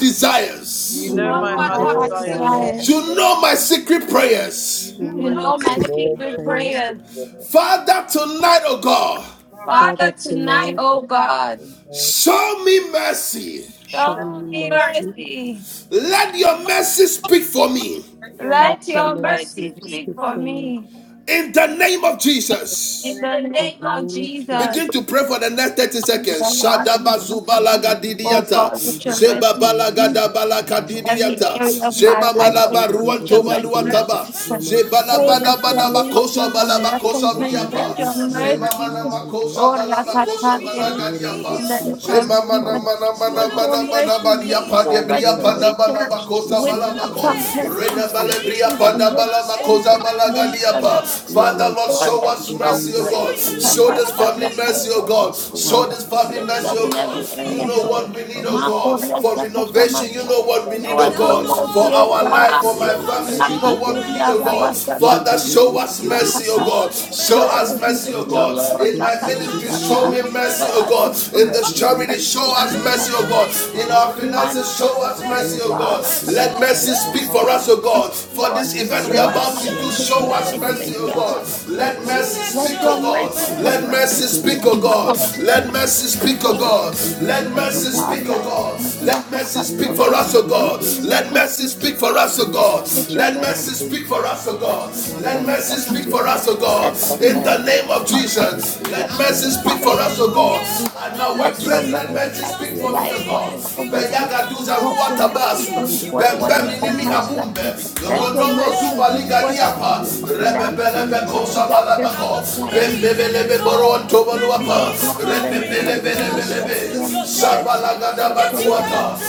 You
you
desires.
You
know
know
my
You
know
my
my
heart
know
heart
heart
my
desires.
heart
desires.
is
desires.
You
there.
know my secret prayers.
You
You
know
You
my
know my
know
You
my
know
secret
my
secret
prayers.
prayers.
stupid girl.
Father, tonight, oh God.
Father
Father,
Father,
tonight,
tonight,
O God,
Fucking mercy,
Show me mercy.
show
show
set
me
me
mercy.
mercy.
Let your mercy speak for me.
your mighty
Let
Let
your
your
mercy
mercy speak
speak
for
for me.
me.
In the name of Jesus.
In
name,
the
In
name
the
of
name of Jesus,
Jesus.
Begin to pray for the next 30 seconds. Shadaba
Lord, so
zubalaga
pray you
Oh
want
didiata.
God,
to be
let your
the city,
Zeba
mercy
you
balaga
speak.
want
da
to be
in
the
but
every
I
didiata.
area of my
Zema
life
Run,
malaba
do,
and
do,
let
do, do,
your
ruantoma.
do,
mercy
do, do, do, do, do, do, do, do, do,
Zebala
pour
do,
bada
do, do, do,
bada
do.
restoration
bakosa bala
and
bakosa bria.
recompense.
Adoro you
Let your
this year, man.
Zema
mercy
Taya
nama
Vandaya.
kosa
or
bala
Rakata
bakosa bala
in
Adore you
the
this year,
name
man.
of
Taya
mama, mana
Jesus.
Vandaya.
mana mana
Let
Papa,
your
mana mana
mercy
badia
bring
padia
full
bria
Oran,
panda bala
Taya
restoration
bakosa
with
bala bako.
recompense
Mandaya.
and
Reda bala
Yeah,
justice and with
panda
Papa,
vengeance
bala
in
bakosa
the name of Jesus.
yeah. Yeah,
Father,
man.
Lord,
Taya
let your
Vandaya.
oh
This
God,
mercy
year,
touch us
show
Mama.
like
this
the
family
touch of
mercy, oh
the
God.
water.
Show this
Vandaya.
family
Lift
mercy,
Yeah,
us
oh
man.
in
God.
every
Taya
You
Papa,
area.
know
Papa,
what we need,
Papa.
oh God, for
Makuresta
renovation. You
Kashamasa.
know what we need,
Show
oh
us
Yeah,
your
God,
Adore
for
you
mercy, O
our
this
life,
God.
year,
for
man.
my family. What we need,
Rakadeya
oh God,
Rabasha
Father, show us mercy, oh
Kadismanasakata.
God. Show
Show
us
us
mercy, oh God.
mercy, O Lord.
In my
Do do do.
Rakasakata. Show
Mercy, oh
us
God,
your
in this
mercy,
Adore you
charity,
this
show us
O
year, man.
mercy,
God.
oh
Taya
God, in
Papa.
our
Tuhan,
finances, show us mercy, oh
Mandori
God.
Bapak,
Sia
Let mercy
Machaya
speak
Baba
for us, oh God, for
Lord,
this event we are
perhaps
Mandori
about
my
to
Sia
do. Show
Machaya
dedicated
us mercy, oh
dedication
Mandori
of
Sia
God. Let
Machaya
God.
mercy
Let
speak,
your
oh
mercy
God.
Mandori
Let
Mandori
correct
Sia
mercy
what is
speak,
Machaya
oh God. Let
corrected.
mercy
Let
speak, oh
your mercy,
God.
Mandori
Let
Sia
mercy.
O
Machaya
Speak,
God,
oh
that is
God.
the
Let mercy
effort
speak
Baba
for us, O
Baba
of
God. Let mercy speak for us, O God.
let
Mandori
your
Let
Sia
mercy
mercy
Machaya
be
speak
blessed.
for us, O
Let
God.
your
Let
mercy
Baba
mercy
that comes
speak
from
for
the
us, O God.
Let your
In the
mercy
name of
help us
Jesus.
Mandori
bless
Let
Sia
mercy
the
speak
time
for
of
us, O God.
Jesus.
And now
Let your
workplace, let
Machaya
mercy
mercy speak for me, O
expedite what
God.
is already
Baba
mercy.
Beyagaduza
Lord, bring us to
ruatabasu.
bring forth what has been
Bebeminimi
held back.
akumbe.
Let your
Ronomo
mercy bring
zubaliga
forth us
diapa.
to be open that has
Rebebelebe
been held back.
kosabalabako.
I am
Bembebelebe boron
it's
tobaluapa.
So common and then another single
Mandori
Rebebelebelebelebe.
question,
Sia
where
Machaya
the commitment
Sabalagadabakuata.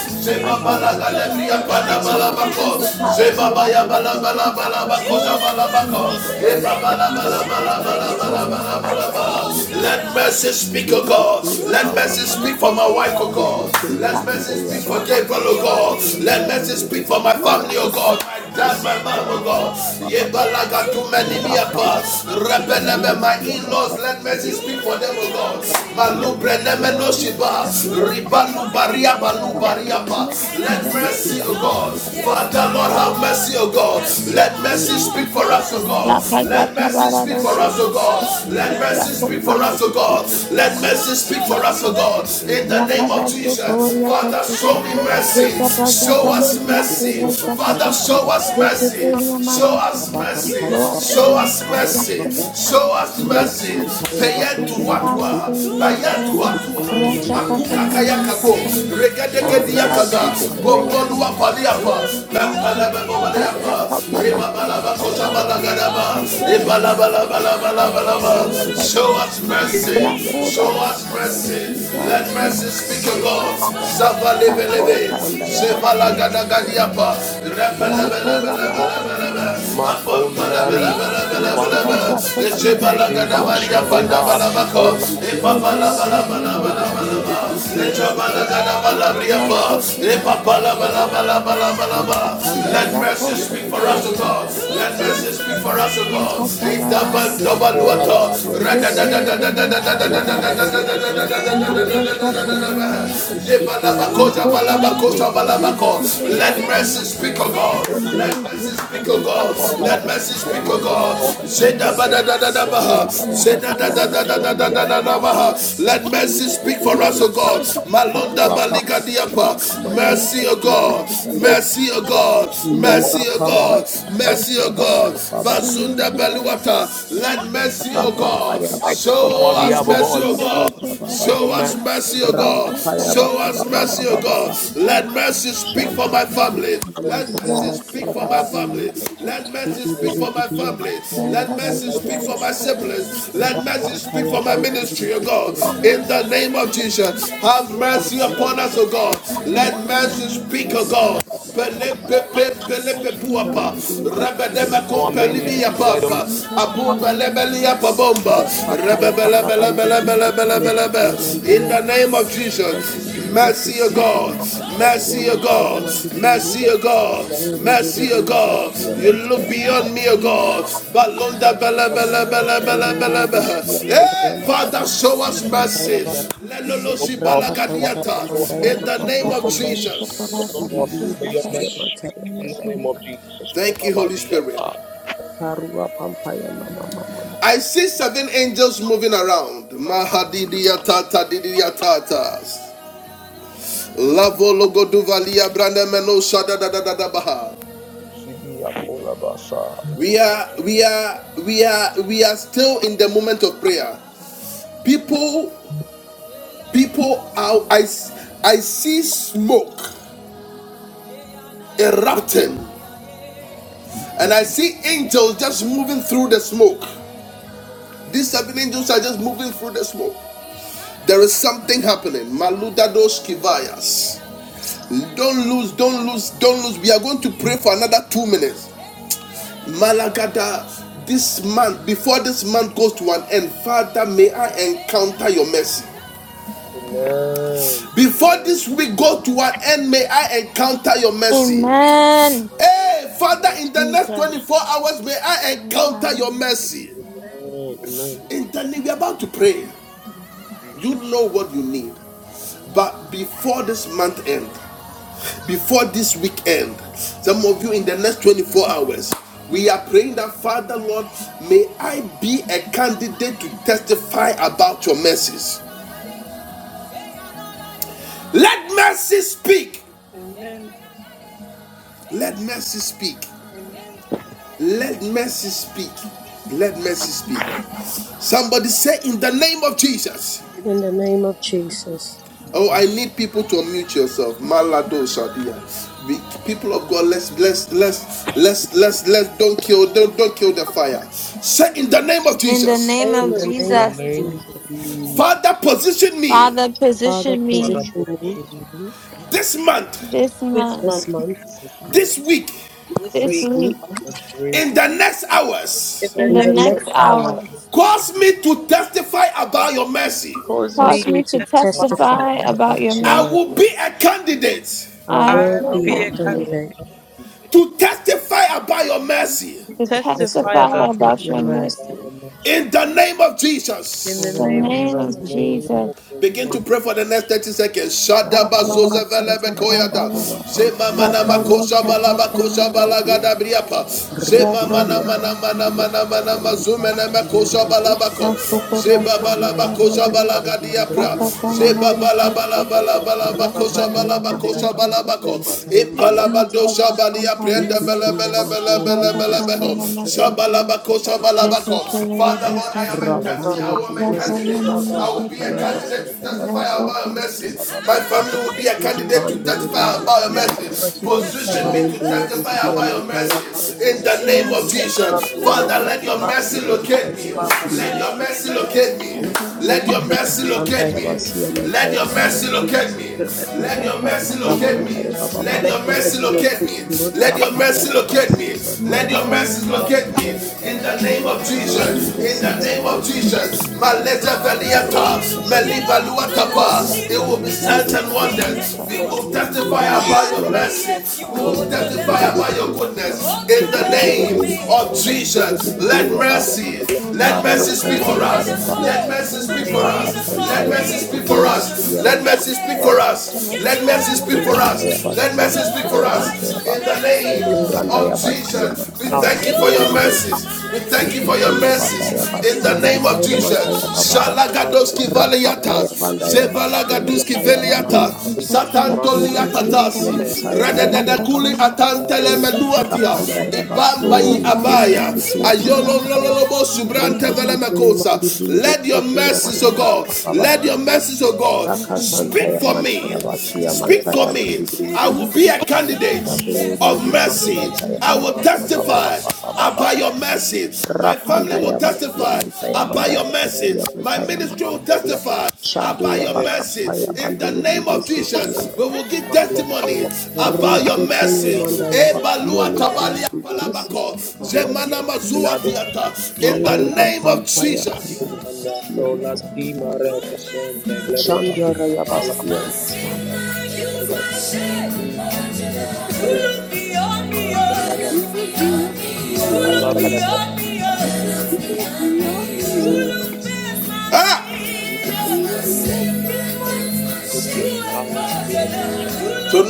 us in
Sebabala.
Rwanda
the midst of past and
Mirisia
principality that was the
Mandala
great that was still in the word
Shataya
that John
Basia
mercy
Mantaya
was
Mandaya
my
Baba
God, yes,
Babu
yes, yes,
Let mercy speak, O
yes, yes,
God.
Kikuya
Let mercy
Baba
yes,
speak for my wife,
Lord,
O God.
Kikiti
we come,
Mandaya Baba
table, oh God. Let me
Kinduri
for my
you
Mirisia
family,
come,
oh
Mandaya
God. That's my mom,
Yamantaya
oh
Mandaya
God.
Baba
Yebalaga too many me
Rapanda
apart.
Basia
you
Rebelebe, my
Mirisia
in-laws,
Mantaya
let
come,
mercy
Mandaya
speak
Baba
for them, oh God.
Kanduri
John mercy,
Malubre
Mirisia
neme no
Mantaya
shiba. Ribalu baria balu
that was
baria pa.
now,
Let
John
mercy. oh
Kikiti
mercy,
God.
Mandaya Baba
Father, Lord, have mercy, oh God. Let mercy
Kanduri
for
Mirisia
us, O
La
God.
casa
Mantaya
Let mercy
cerrada
speak for us, O
no
God.
Maruwa
Let
Thank
mercy speak for us,
you.
O God. Let mercy speak for us, O God. In the name of Jesus, Father, show me mercy. Show us mercy. Father, show us mercy. Show us mercy. Show us mercy. Show us mercy. Wa- Bayadua, Akayakako, Rekedekediakaza, Bobodua Paliapa, Lampalababaliapa, Falabalaba. Show us mercy.
just Yeah.
La
Show
cura de
us
San
mercy.
Judas,
Let
la
mercy speak, O God. Sava
Thank
leve
you.
leve.
Andaya
Evala
basiya
gada
mantaya manda
gadiapa. Rebe
siya
leve leve leve leve leve. Apo
mantaya
Makondari,
siya mandaya
Vandari,
abandaya
Negliba,
basiya mantaya
Shmagliba,
mantaya
Kola,
siya chandu rive siya mantaya basiya mantaya mantaya
lava
apandaya basiya
For us,
mantaya
O God.
mandaya
Let
basiya
mercy speak
mantaya
for us, O
mantaya
God. If the
andaya basiya
Da da da
mantaya
da da da.
siya mantaya mandaya ba chandu
Leva
siya
lava
mende
lava kota
siya
Let
mantaya ba
mercy speak, O God.
chandu
Speak,
siya
O
mantaya
God. Let
mandaya
mercy speak,
siya
O God.
mantaya mandaya
Zeda ba da da da da ba.
Chandaya
Zeda
Bastia
da
Mataya
da da da
Mandaya
da
Mama
ba. Let mercy God, Malonda
Parua Pampa Mama
Baradiapa,
Mandaya
mercy, O
Bastia
God,
Mataya Ba
mercy, O God, mercy,
Mura
O
Pampa
God,
Baba
mercy, O
Baba
God,
Baba Baba
Zunda Beluata, let mercy
Rapa Paya Baba
fight
Baba
on
show
our behalf,
us
oh
Baba
mercy,
God.
O
Let your
God,
Baba
mercy, let
Baba
your
show us
mercy, let
mercy,
your
O
mercy,
God,
Rapa Paya Baba Baba Baba Baba
let mercy speak for
Shandi
my family,
Bastia Mataya Mataya Ba
let mercy,
Shandi Bastia Mataya Mandaya Ba
siblings, let mercy,
Rapa Paya Baba
O God,
Bastia
in the name of Jesus, have
Thank
mercy upon us, O
Rakasantaya
God, let mercy speak, O God, Pelepe, pelepe, Puapa. Rebedeme
our
kumpelimi
ministry,
ya
let the name
papa, abumbe lebeli ya pabomba, rebebelebelebelebelebelebe. In the name of Jesus, mercy of God, mercy of God, mercy of God, God, look beyond me, O God. Balunda bele bele bele bele. Hey, Father, show us mercy. Let no loss
mandaya
the
mama
name
mama
of
mama
Jesus.
shandiri mandaya.
of Jesus.
Thank you, Holy Spirit.
Lord.
Karua pampaya mama mama
I see seven angels moving around.
Father
Mahadidiya tata didiya tatas. Lavo logo duvalia brande meno shada da da da da baha.
Lord,
Zibi Akola Basa.
We are
Amen.
we are we are we are still in the moment of prayer.
Father Lord,
People
bless
people are, I I see smoke erupting and I see angels just moving through the smoke. These seven angels are just moving through the smoke. There is something happening. Maluda dos kivayas. Don't lose, don't lose, don't lose. We are going to pray for another two minutes. Malagada, this month, before this month goes to an end, Father, may I encounter your mercy. Before
Amen.
this week goes to an end, may I encounter your mercy.
Amen.
Hey, Father,
Amen.
in the next
Jesus.
24 hours, may I encounter your mercy.
you. Amen.
Amen. Amen.
In the we're about to pray.
Amen.
You
Amen.
know what you need.
Amen.
But before this month ends, before this weekend. Some of you in the next 24 hours. We are praying that, Father Lord, may I be a candidate to testify about your mercies. Let mercy speak.
Amen. Amen.
Let mercy speak.
Amen.
Let mercy speak. Let mercy speak. Somebody say, In the name of Jesus.
In
In the
the
name of Jesus,
Oh,
In
I need people to unmute yourself. Malado Shadia. We, people of God, let's let's let's let's let's let's don't kill don't don't kill the fire. Say in the name of
In the
Jesus,
name
name
in
of
of
the
the
name of
Jesus,
name of
Jesus,
Jesus,
Father, position me
Father,
Father,
position
Father,
me
position me
position me
this month,
this
this
month,
this
month,
month,
as Lord,
this week,
this
this
this
week,
week,
week,
as way,
in the next hours.
in the
in
in
the
the
next
next
next hour.
hour.
as
Cause me to testify about your mercy.
cause me
Cause
Cause me
me
to
to
person
Father,
testify
to
testify about your
about
testify
your
I
mercy.
mercy.
about
will
your
be a
mercy.
candidate
I
I
I
will
I
will
be
will
a
be a
can't
be
believe
candidate.
here
candidate
every day,
to testify about your mercy
to
to
About
Testify
testify
testify
about
your
your
about
about
your
your
testify
mercy,
mercy.
mercy.
about
In
your mercy.
in the name of Jesus.
In
In
the
The
the
in
name
the
name
In
of
name
the
of
name
of
of
Jesus.
name
Jesus.
Jesus.
of the
Begin to
Lord,
pray for the next 30 seconds.
I will
Shadaba
Yahweh,
be
consult
zozevelebe
my
koyata.
Yahweh,
your
Allah, pump
mercy.
Zema
my
mana
Yahweh,
And
Allah,
makosha
fit me,
balaba
do, do,
kosha
do,
I
do,
love
do.
you,
balagada
Lord,
briapa.
my
Zema
Repeat me,
fellows,
Yahweh,
my
mana
Suri,
mana
Yahweh, Suri,
mana
brothers,
Yahweh, Sai,
mazumene
Yahweh,
Jesus,
my brothers,
Baba
balabako.
we
my brothers, my
worship you,
Zeba
brothers, my
balaba
brothers,
kosha
Duri,
balagadia. Zeba
Yahweh.
my
balaba
brothers,
Baba
my brothers,
balaba
bless
my
kosha
Rapaya
balaba
the name,
mandaya
Baba
basiya
balabako.
glorify your
mataya
name, Baba
mandaya
Impalabado shabalia prenda.
we
ikitiya
Bele
worship
mando
you,
bele bele
vindisiya
beho.
Baba bless the
mataya
name,
Shabalabako
Baba glorify
mandaya
Thank
your
you.
shabalabako.
name,
Father Lord, I am a
Baba Baba
rapando
what a
vindisiya
mighty
candidate.
God, Baba
I
what
will be
a mighty God, Baba what a
a
mandaya
mighty God,
testify about a message. My family will be a candidate to
rapando
about a
vindisiya
Baba
message.
what a mighty God, Mighty God, Baba we worship you,
Position
Baba
me
rende
we stand in
fire
front
vindisiya
about
mataya
of the name, Baba glorify your
in
name,
the name of
Baba
Jesus.
we
ikitiya
worship
Father,
mandaya
let
you,
your
Baba bless the glorify your name, Baba we worship you, Baba, we stand in front of the glorify your name,
basiya
mercy locate
mataya
me.
mandaya
Mercy locate me.
Holy
Let your mercy locate.
andaya basiya
Spirit,
Let
mataya
your mercy
So
locate me.
that
mandaya
my
Let your
is
mercy locate.
true.
rapandaya baba
Let
Your
baba
the
mercy
mercy
locate me.
locate me, Lord.
Let your mercy
rapandaya
locate me.
basiya
Let
mataya
your mercy
Let me
locate me.
locate me.
In the name
Let
of
the mercy
Jesus. In
locate
the
me.
name of
mandaya
Jesus.
Let the mercy
Maleta
Rapapaya
locate me.
Veliata. Meliba
Let the mercy locate
Luatapa. It
me.
will be signs and wonders. We
Let
will
your mercy locate me.
testify about
Let your mercy locate me. Let your
mercy. We
mercy
will testify about goodness. In the name of Jesus, let mercy, let mercy for
locate me.
us.
Let
Let mercy speak for us. Speak
mercy locate me. Let mercy locate me.
for us.
Let
Let mercy
mercy
speak
locate
for us.
me.
Let mercy speak for us. Let mercy speak for us. In the name. We thank you for your mercies. We thank you for your mercy. In the name of Jesus.
Amen.
Agadoski vale,
bandaya basia
Balagaduski
mantaya
vele,
mande
Satantoli
Shaburi Vishya Mansaya Mandaya Baba
akuli atantele meduati.
Rapanda ya
Bamba yi abaya. Ayolololobo subrante, O God. Send your message, oh God. I will be a candidate. I will testify your mercy.
basia mantaya mandaya
Your mercy.
basia
My men
mantaya man
will testify.
shade ya bakapa ya banduri ya sisi ya
We
mandaya
will give testimony.
Rushete yomanda yabasie
Abalua,
miti yibiklisiti.
Zemana Mazua Theater.
Mura pampa yapanda yabasie mata. Shandara yabasie mata.
brothers,
You will be on me.
my
You will be on me.
brothers, my
That's in my
brothers, my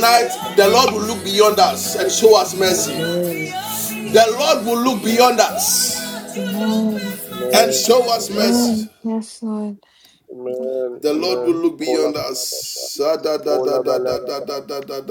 brothers,
the Lord will look beyond us and show us mercy.
Amen.
Amen.
The Lord will look beyond us and
Amen.
show us
Kolaba.
mercy.
Amen. Yes, Lord.
Amen.
The Lord
Amen.
will look beyond
Kolaba
us.
labasha. Kolaba lababa.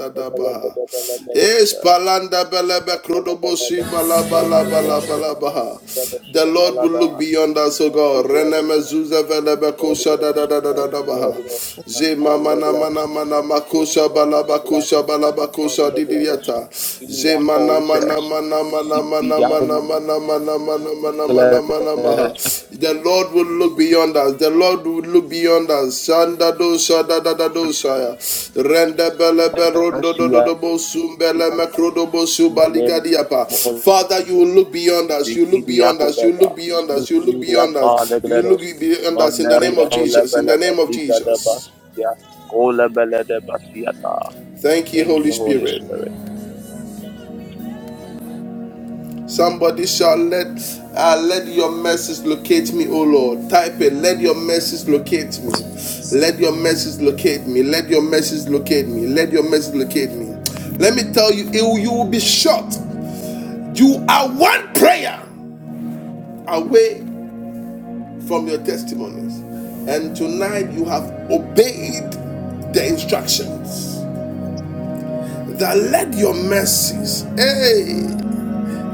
Stabala badaba
Es
labadusha.
palanda belebe
Labala
krodobosi
balabash.
bala
Iban
bala bala
bagladash.
bala baha.
Bagladash.
The Lord will
Babalada.
look beyond us, O God.
Bagladash.
Reneme zuze
Thank
velebe
you, Holy
kosa
Ghost.
da da da da
Thank
da
you,
baha.
Holy Ghost.
Zema mana
Bagladash.
mana mana makusha
Bagladash.
balabakusha
Bagladash.
balabakusha didiata.
Bagladash.
Zema na mana mana mana mana mana mana mana mana mana mana mana maha. The Lord will look beyond us. The Lord will look beyond us. Shanda dosha da da da dosha shaya. Rende bele berondo do do do bosum bele mekrodo bosu baligadiapa. Father, you will look beyond us. You look beyond us. You
Ligidiakodaba,
look beyond us. You look beyond
Smukilidiapa,
us. You look
Legledos,
beyond us in the name
Mandarila,
of Jesus. In the
Olebeleba,
name of
Ligadaba,
Jesus.
Sudia, Olebeledeba, Siata.
Thank you,
Thank
Holy
you, Holy
Spirit.
Spirit.
Somebody shall let uh, let your message locate me, oh Lord. Type it. Let your message locate me. Let your message locate me. Let your message locate me. Let your message locate me. Let me tell you, it, will- you will be shocked. You are one prayer away from your testimonies, and tonight you have obeyed the instructions that let your mercies, hey,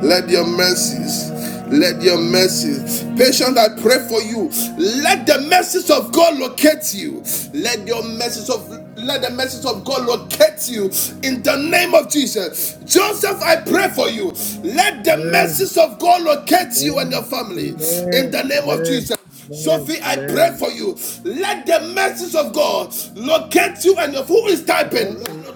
Let your mercies, let your mercies, patient I pray for you. Let the mercies of God locate you. Let your mercies of let the mercies of God locate you in the name of Jesus. Joseph, I pray for you. Let the
Amen.
mercies of God locate you and your
Amen.
family in
Amen.
the name of Jesus.
Amen. Amen.
Sophie, I pray
Amen.
for you. Let the mercies of God locate you and your who is typing.
Amen.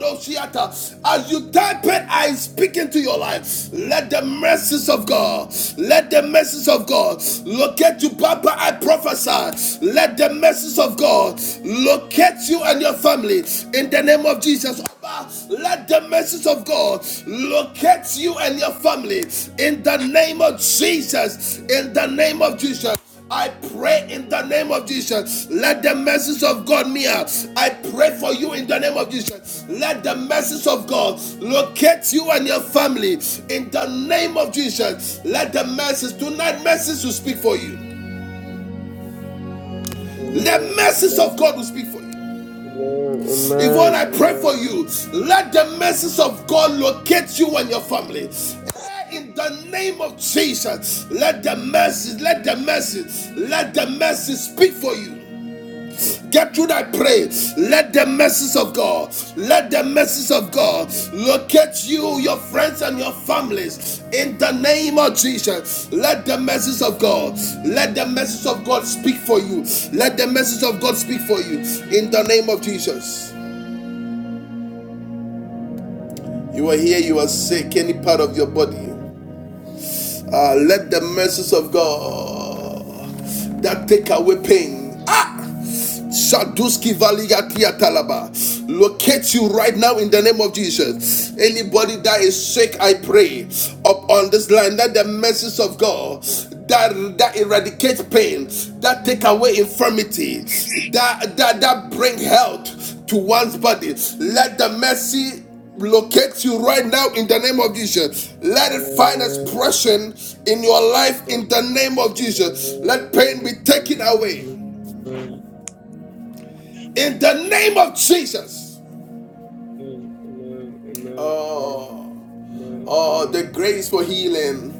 As you type it, I speak into your life. Let the mercies of God, let the mercies of God locate you, Papa. I prophesy. Let the mercies of God locate you and your family in the name of Jesus. Let the mercies of God locate you and your family in the name of Jesus. In the name of Jesus. I pray in the name of Jesus. Let the message of God mirror. I pray for you in the name of Jesus. Let the message of God locate you and your family in the name of Jesus. Let the message tonight message will speak for you.
Amen.
The message of
Amen.
God will speak for you.
Amen.
Yvonne, I pray for
Amen. Amen.
you. Let the message of God locate you and your family. Eh, In the name of Jesus, let the message, let the message, let the message speak for you. Get through that, pray, let the mercies of God, let the mercies of God locate you, your friends, and your families in the name of Jesus. Let the mercies of God, let the mercies of God speak for you. Let the mercies of God speak for you in the name of Jesus. You are here, you are sick, any part of your body. Uh, let the mercies of God that take away pain Shaduski Valiga Tiatalaba. Locate you right now in the name of Jesus. Anybody that is sick, I pray up on this line that the message of God that that eradicates pain, that take away infirmity, that that that bring health to one's body. Let the mercy locate you right now in the name of Jesus. Let it find
Amen.
expression in your life
Jesus.
in the name of
Amen.
Jesus. Let pain be
Amen. Amen.
taken away.
Amen.
In the name of Jesus.
Amen. Amen. Amen.
Oh,
Amen.
oh, the
Amen.
grace for healing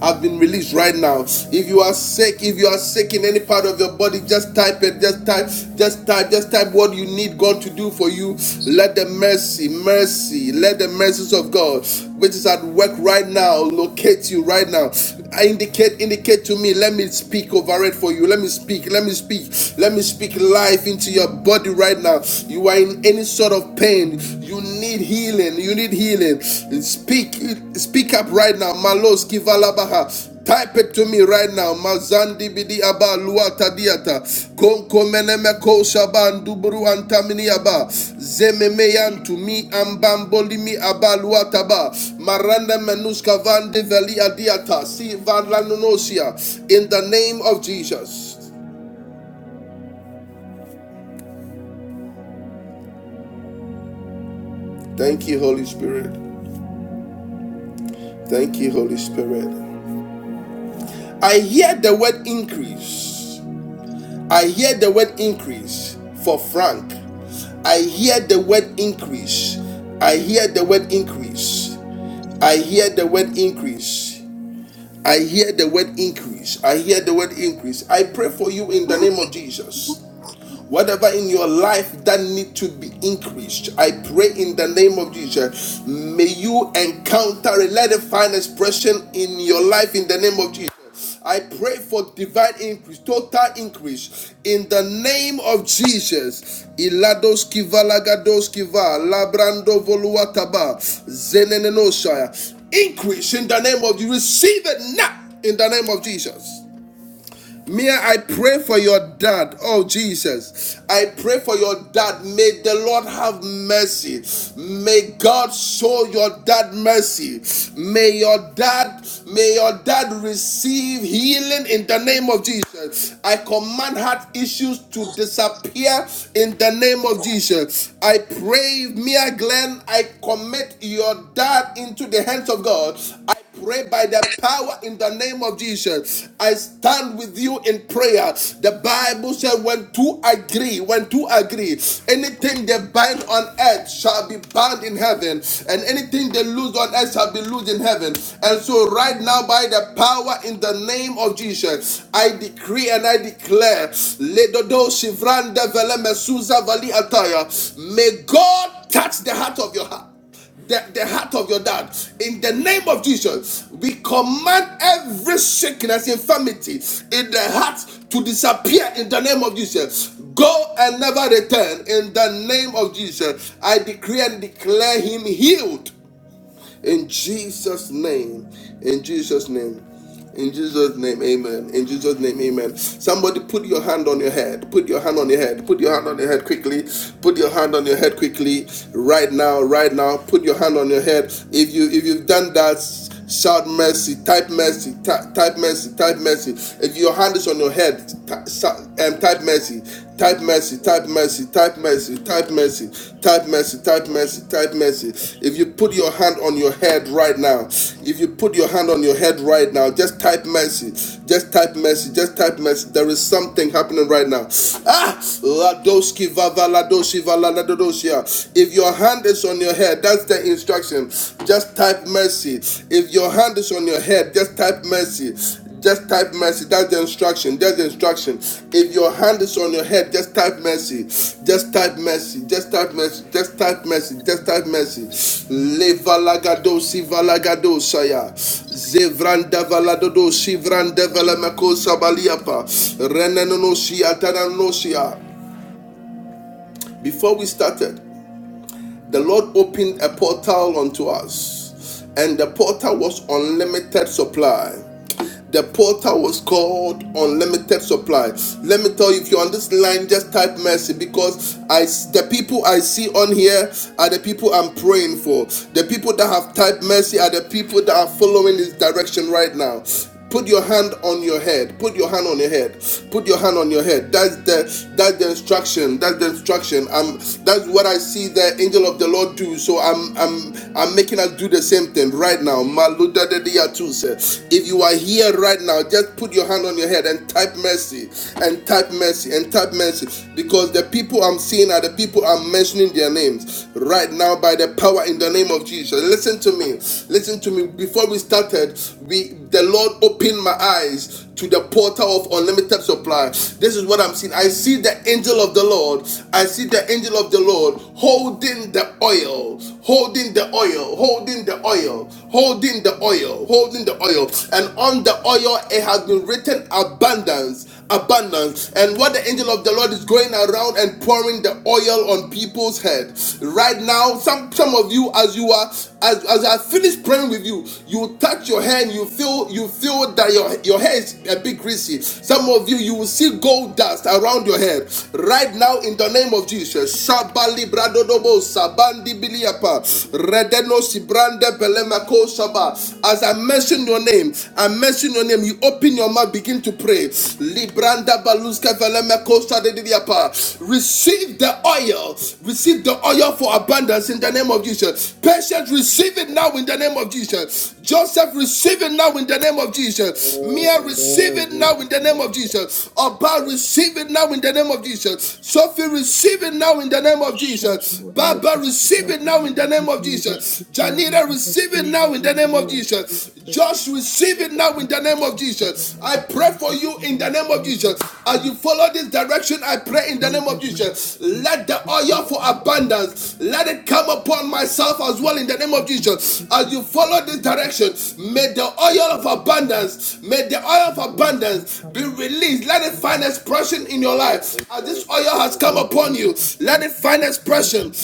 have been released right now. If you are sick, if you are sick in any part of your body, just type it. Just type, just type, just type what you need God to do for you. Let the mercy, mercy, let the mercies of God, which is at work right now, locate you right now. I indicate indicate to me let me speak over it for you let me speak let me speak let me speak life into your body right now you are in any sort of pain you need healing you need healing speak speak up right now malos kivalabaha Type it to me right now. Mazandi bidi aba luata diata. Konko meneme ko shaban duburu antamini aba. Zememe to mi ambamboli mi aba luata ba. Maranda menuska van develi adiata. Si van lanonosia. In the name of Jesus. Thank you, Holy Spirit. Thank you, Holy Spirit. I hear the word increase. I hear the word increase for Frank. I hear the word increase. I hear the word increase. I hear the word increase. I hear the word increase. I hear the word increase. I pray for you in the name of Jesus. Whatever in your life that need to be increased, I pray in the name of Jesus. May you encounter it. Let it find expression in your life in the name of Jesus. I pray for divine increase, total increase in the name of Jesus. Ilados kiva lagados labrando voluataba zenenenoshaya. Increase in the name of you. Receive it now in the name of Jesus. Mia, I pray for your dad. Oh, Jesus. I pray for your dad. May the Lord have mercy. May God show your dad mercy. May your dad, may your dad receive healing in the name of Jesus. I command heart issues to disappear in the name of Jesus. I pray, Mia Glenn, I commit your dad into the hands of God. I pray by the power in the name of Jesus. I stand with you in prayer. The Bible said, when two agree, when two agree, anything they bind on earth shall be bound in heaven, and anything they lose on earth shall be loosed in heaven. And so, right now, by the power in the name of Jesus, I decree and I declare, may God touch the heart of your heart the, the heart of your dad. In the name of Jesus, we command every sickness, infirmity in the heart to disappear in the name of Jesus. Go and never return in the name of Jesus. I decree and declare him healed in Jesus' name. In Jesus' name. In Jesus' name, amen. In Jesus' name, amen. Somebody put your hand on your head. Put your hand on your head. Put your hand on your head quickly. Put your hand on your head quickly. Right now, right now. Put your hand on your head. If you if you've done that, Shout mercy, type mercy, ty- type mercy, type mercy. If your hand is on your head, ty- um,
Amen.
type mercy, type mercy, type
and she
mercy, type
just just
mercy, type mercy, type mercy, type
just just
mercy, type mercy. If you
just
put your hand on your head right now, if you put your hand on your head right now, just type mercy, just type mercy, just type mercy. There is something happening right now. Ah, Ladoski Vava Ladoshi Vala ladosia. If your hand is on your head, that's the instruction. Just type mercy. If your hand is on your head, just type mercy. Just type mercy. That's the instruction. That's the instruction. If your hand is on your head, just type mercy. Just type mercy. Just type mercy. Just type mercy. Just type mercy. Levalagado si valagado saya. Zevranda valadodo si vranda valamako sabaliapa. Renanonosia tananosia. Before we started, the Lord opened a portal unto us, and the portal was unlimited supply. The portal was called Unlimited Supply. Let me tell you, if you're on this line, just type mercy because I the people I see on here are the people I'm praying for. The people that have typed mercy are the people that are following this direction right now. Put your hand on your head. Put your hand on your head. Put your hand on your head. That's the that's the instruction. That's the instruction. I'm that's what I see the angel of the Lord do. So I'm I'm I'm making us do the same thing right now. If you are here right now, just put your hand on your head and type mercy and type mercy and type mercy because the people I'm seeing are the people I'm mentioning their names right now by the power in the name of Jesus. Listen to me. Listen to me. Before we started, we the Lord opened my eyes to the portal of unlimited supply. This is what I'm seeing. I see the angel of the Lord. I see the angel of the Lord holding the oil, holding the oil, holding the oil, holding the oil, holding the oil. And on the oil, it has been written abundance, abundance. And what the angel of the Lord is going around and pouring the oil on people's head. Right now, some some of you, as you are, as, as I finish praying with you, you touch your hand, you feel you feel that your, your hair is a bit greasy. Some of you, you will see gold dust around your head. Right now, in the name of Jesus. Shabali bradodobo, sabandi Bilia as I mention your name, I mention your name. You open your mouth, begin to pray. Receive the oil. Receive the oil for abundance in the name of Jesus. Patient, receive it now in the name of Jesus. Joseph, receive it now in the name of
no
Jesus. Mia,
no
receive it
you
now in the name of Jesus. Oba, receive it now in the name of Jesus. Sophie, receive it now in the name of Jesus.
Shandori
Baba,
yabasie
receive it now in the
mata.
name of Jesus.
Yidi yibiklisiti
Janita,
yamahara
receive it
tiwe
now in
in
the
the
name of
name of
Jesus.
Jesus.
Just receive it now in the
Yanda
name of
yabasie
Jesus. I
mata.
pray
Yanda
for you in the
yabasie
name of Jesus. As you follow this direction, I pray in the name of Jesus. Let the oil for abundance, let it come upon myself as well in the name
mata.
of
Yanda
Jesus.
yabasie
As you follow this direction,
mata.
may the oil of
Jesus.
abundance, may the oil of
please
abundance be released. Let it
do
find
no
expression in your life.
no no
As this oil
no
has come
no
upon you, let it find expression
Jesus,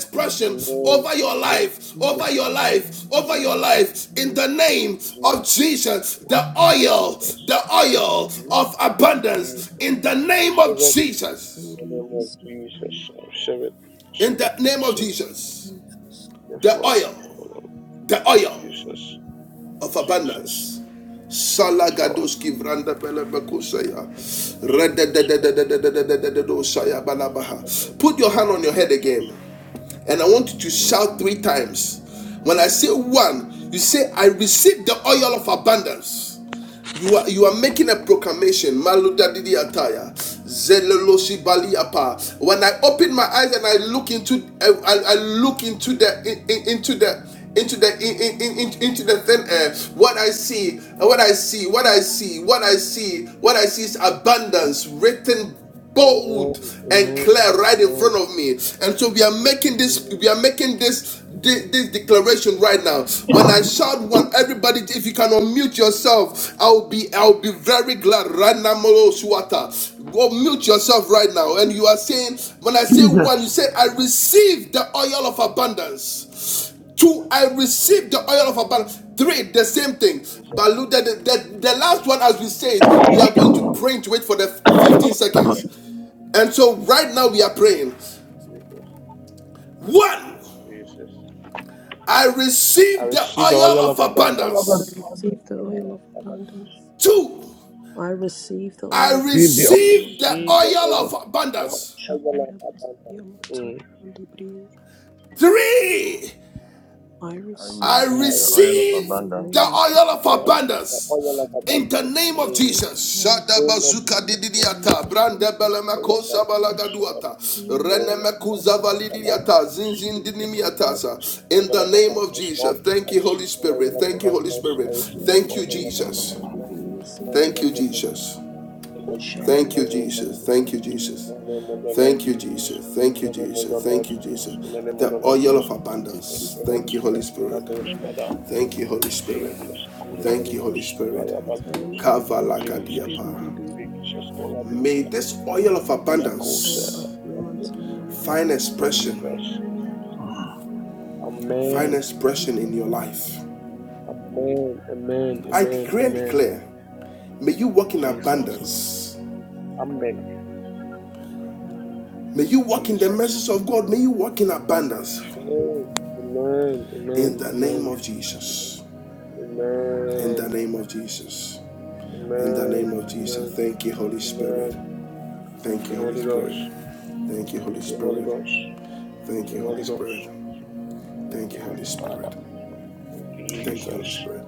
expression
no
over your
no
life,
no
over your life, over
Jesus,
your life in
Jesus
the name of Jesus. The
Jesus
oil,
Jesus
the oil
Jesus
of abundance in the name of
Shabbat, in
Jesus.
the name of Jesus Shabbat,
In
Shabbat,
the name of
Shabbat
Jesus,
yes,
the
Lord,
oil,
Lord,
the oil
Jesus,
of
Jesus,
abundance.
yes, Lord.
Salagadoski vranda pele bekusaya. Rededededededededededosaya balabaha. Put your hand on your head
Jesus.
again. And I want you to
Mm.
shout three times. When I say one, you say, I receive the oil of abundance. You are you are making a proclamation. Maluda didi ataya. Zeloloshi When I open my eyes and I look into I, I- I look into the in- into the into the in, in, in, into the thin air what i see what i see what i see what i see what i see is abundance written bold
Amen.
and
Amen.
clear right in
Amen.
front of me and so we are making this
Amen.
we are making this
Amen.
thi- this declaration
Jesus.
right now when i shout one everybody if you can unmute yourself i'll be i'll be very glad right now Molo Suwata. Go mute
Mm,
yourself right now and
mm,
you are saying when i say
Jesus.
Jesus.
one you say i receive the oil of abundance Two, I
Mm,
received the oil of abundance. Three, the same thing.
Jesus.
But look at the, the, the last one, as we said, we are going to pray into it for the 15 seconds. And so right now we are praying. One,
Jesus.
I
I
received the
receive the
oil
oil of
of
abundance.
I
abundance.
receive the oil of
I
abundance.
Two,
I receive the oil
I
of
Jesus.
received the
receive the
oil of
oil, the
abundance.
oil of abundance. Mm. In
Shabbatayamasiyamatanandibri.
Three,
I
I
receive
I
receive the oil of
receive
abundance.
the oil of abundance in the name of Jesus.
the oil of
In the name of Jesus. Thank you, Holy Spirit. Thank you, Holy Spirit. Thank you, Jesus. Thank you, Jesus. Thank
Shando
you, Jesus. Thank you, Jesus.
Mandayaba
Thank you, Jesus. Thank you,
the name of the
Jesus.
Lord.
Thank you, Jesus.
Jesus. In the name of the
The
Lord.
oil
Jesus.
of abundance.
Thank you, Holy
Thank you,
Jisipiyamda
Holy
Spirit.
Spirit.
Mother, Father.
Yamasayama
Thank you, Holy Spirit.
Jesus. Thank you,
Kurang
Thank
Holy
you, Holy
Ghost.
Spirit.
Kaya Balakosh.
Yamansayama
Kavalakad.
Jesus. Jesus. Jesus. Gonna be
May this oil of abundance
Idiakosa.
Dayaba Yamansayama Mama
find
Jesus.
expression,
Amen.
Kuranda
find expression in your
Mama
life.
Amen. Amen.
I
Amen.
decree and
Amen.
declare, may you walk in
Jesus.
abundance.
Amen.
May you walk in the
Jesus.
message of God. May you walk in abundance.
Amen. Amen. Amen.
In the name
Amen.
of Jesus. In
Amen.
the name of Jesus. In the
Amen.
name of Jesus.
Amen.
Thank you, Holy
Amen.
Spirit.
Thank
Thank
you,
you, Holy
Holy Ghost.
Spirit. Thank you, Holy
Thank you, Holy
Spirit.
Ghost. Thank
Thank
you,
you, Holy
Holy
Spirit.
Ghost. Thank
Thank
you,
you, Holy
Heavenly Father.
Spirit.
Thank you,
Thank you,
Jesus.
Holy Spirit.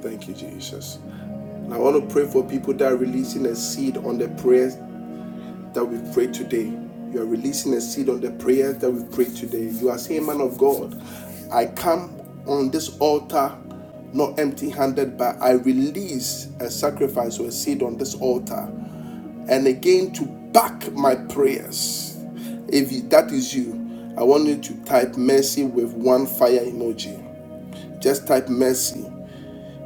Thank you, Jesus. And I want to pray for people that are releasing a seed on the prayers that we prayed today. You are releasing a seed on the prayers that we prayed today. You are saying, Man of God, I come on this altar not empty handed, but I release a sacrifice or a seed on this altar. And again, to back my prayers. If that is you, I want you to type mercy with one fire emoji. Just type mercy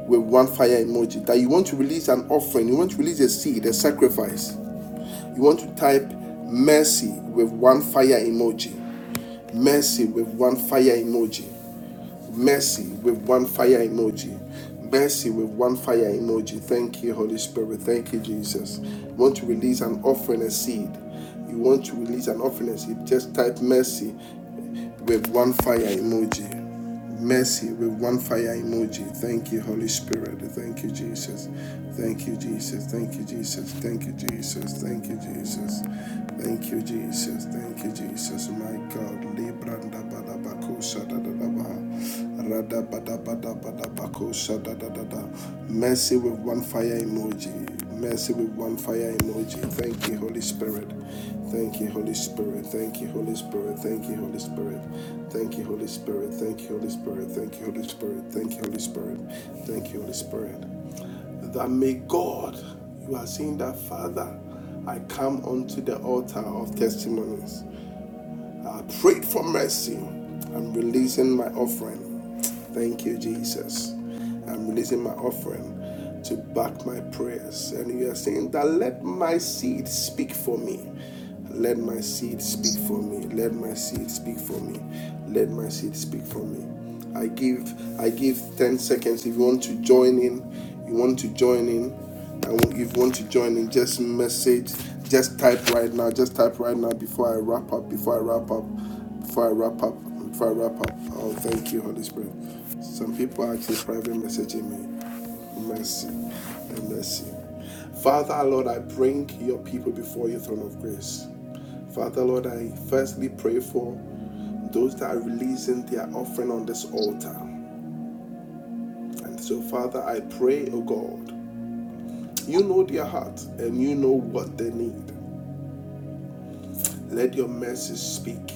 with one fire emoji that you want to release an offering, you want to release a seed, a sacrifice. You want to type mercy with one fire emoji, mercy with one fire emoji, mercy with one fire emoji, mercy with one fire emoji. Thank you, Holy Spirit. Thank you, Jesus. You want to release an offering, a seed. You want to release an offering, a seed. Just type mercy with one fire emoji. Mercy with one fire emoji. Thank you, Holy Spirit. Thank you, Jesus. Thank you, Jesus. Thank you, Jesus. Thank you, Jesus. Thank you, Jesus. Thank you, Jesus. Thank you, Jesus. My God. Libranda badabako da da Rada Badabada Badabakosa da. da da. Mercy with one fire emoji. Mercy with one fire emoji. Thank you, Holy Spirit. Thank you, Holy Spirit. Thank you, Holy Spirit. Thank you, Holy Spirit. Thank you, Holy Spirit. Thank you, Holy Spirit. Thank you, Holy Spirit. Thank you, Holy Spirit. Thank you, Holy Spirit. That may God, you are saying that, Father, I come unto the altar of testimonies. I prayed for mercy. I'm releasing my offering. Thank you, Jesus. I'm releasing my offering to back my prayers. And you are saying that let my seed speak for me. Let my seed speak for me. Let my seed speak for me. Let my seed speak for me. I give I give 10 seconds if you want to join in. You want to join in. And if you want to join in, just message, just type right now, just type right now before I wrap up, before I wrap up. Before I wrap up, before I wrap up, oh thank you, Holy Spirit. Some people are actually private messaging me. Mercy and mercy. Father Lord, I bring your people before your throne of grace. Father Lord, I firstly pray for those that are releasing their offering on this altar. And so, Father, I pray, oh God, you know their heart and you know what they need. Let your mercy speak.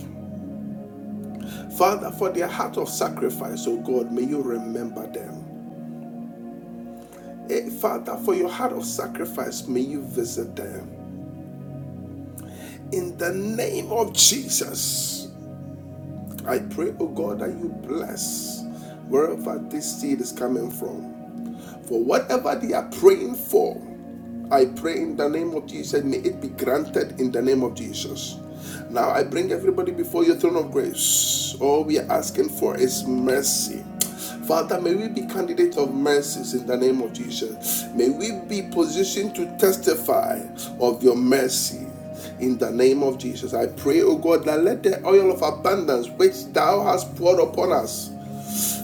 Father, for their heart of sacrifice, oh God, may you remember them. Eh, Father, for your heart of sacrifice, may you visit them. In the name of Jesus, I pray, oh God, that you bless wherever this seed is coming from. For whatever they are praying for, I pray in the name of Jesus, may it be granted in the name of Jesus. Now I bring everybody before your throne of grace. All we are asking for is mercy. Father, may we be candidates of mercies in the name of Jesus. May we be positioned to testify of your mercy. In the name of Jesus, I pray, O God, that let the oil of abundance which thou hast poured upon us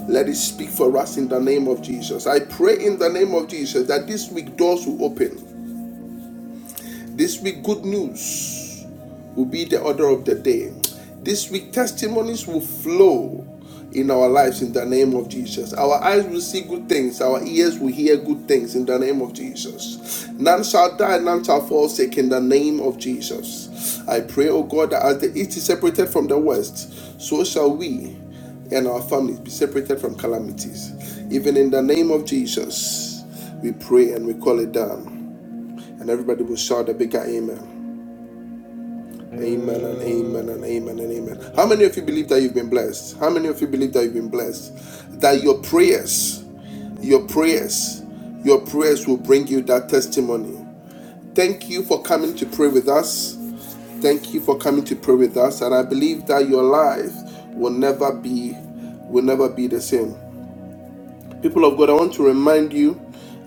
let it speak for us in the name of Jesus. I pray in the name of Jesus that this week doors will open. This week, good news will be the order of the day. This week, testimonies will flow in our lives in the name of Jesus. Our eyes will see good things, our ears will hear good things in the name of Jesus. None shall die, none shall fall sick in the name of Jesus. I pray, O God, that as the east is separated from the west, so shall we and our families be separated from calamities. Even in the name of Jesus, we pray and we call it down. And everybody will shout a bigger amen. Amen and amen and amen and amen. How many of you
Amen.
believe that you've been blessed? How many of you believe that you've been blessed? That your prayers, your prayers, your prayers will bring you that testimony. Thank you for coming to pray with us. Thank you for coming to pray with us. And I believe that your life will never be will never be the same. People of God, I want to remind you,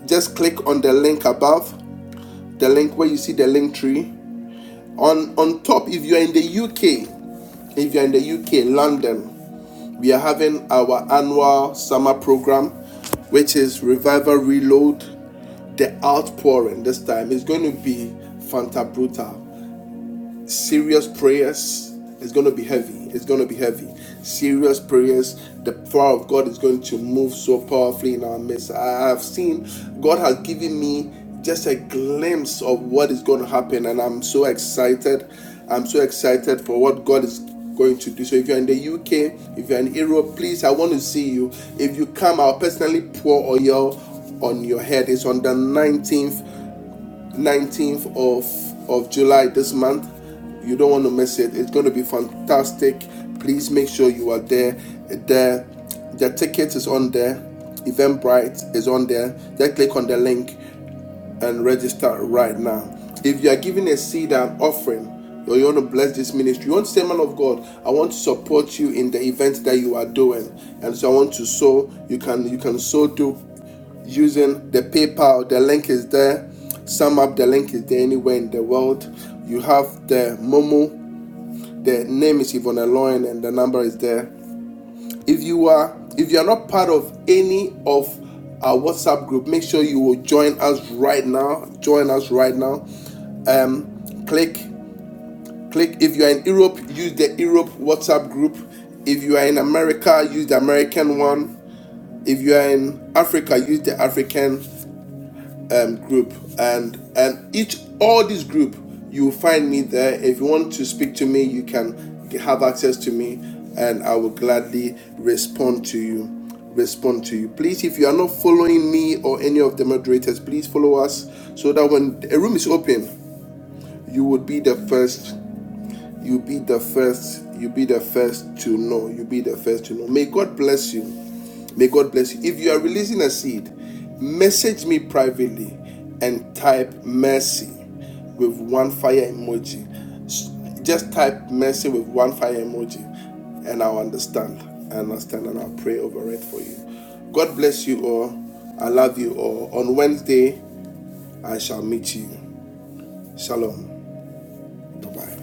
just click on the link above, the link where you see the link tree. On on top, if you're in the UK, If you're in the UK, London, we are having our annual summer program, which is Revival Reload, The Outpouring. This time it's going to be Fanta Brutal serious prayers It's going to be heavy. It's going to be heavy. Serious prayers. The power of God is going to move so powerfully in our midst. I have seen God has given me just a glimpse of what is going to happen, and I'm so excited. I'm so excited for what God is going to do. So if you're in the UK, if you're in Europe, please, I want to see you. If you come, I'll personally pour oil on your head. It's on the 19th. 19th of, of July this month. You don't want to miss it. It's going to be fantastic. Please make sure you are there. The, the ticket is on there. Eventbrite is on there. Just click on the link and register right now. If you are giving a seed and offering, or you want to bless this ministry, you want to say, Man of God, I want to support you in the event that you are doing. And so I want to sow, you can you can sow through using the PayPal. The link is there. Sum up the link is there anywhere in the world. You have the Momo. The name is Yvonne Loin and the number is there. If you are if you are not part of any of our WhatsApp group, make sure you will join us right now. Join us right now. Um, click click if you are in Europe, use the Europe WhatsApp group. If you are in America, use the American one. If you are in Africa, use the African um, group, and and each all this group you will find me there. If you want to speak to me, you can have access to me, and I will gladly respond to you. Respond to you, please. If you are not following me or any of the moderators, please follow us so that when a room is open, you would be the first. You be the first. You be the first to know. You be the first to know. May God bless you. May God bless you. If you are releasing a seed, message me privately and type mercy with one fire emoji. Just type mercy with one fire emoji and I'll understand. I understand and I'll pray over it for you. God bless you all. I love you all. On Wednesday, I shall meet you. Shalom. Bye bye.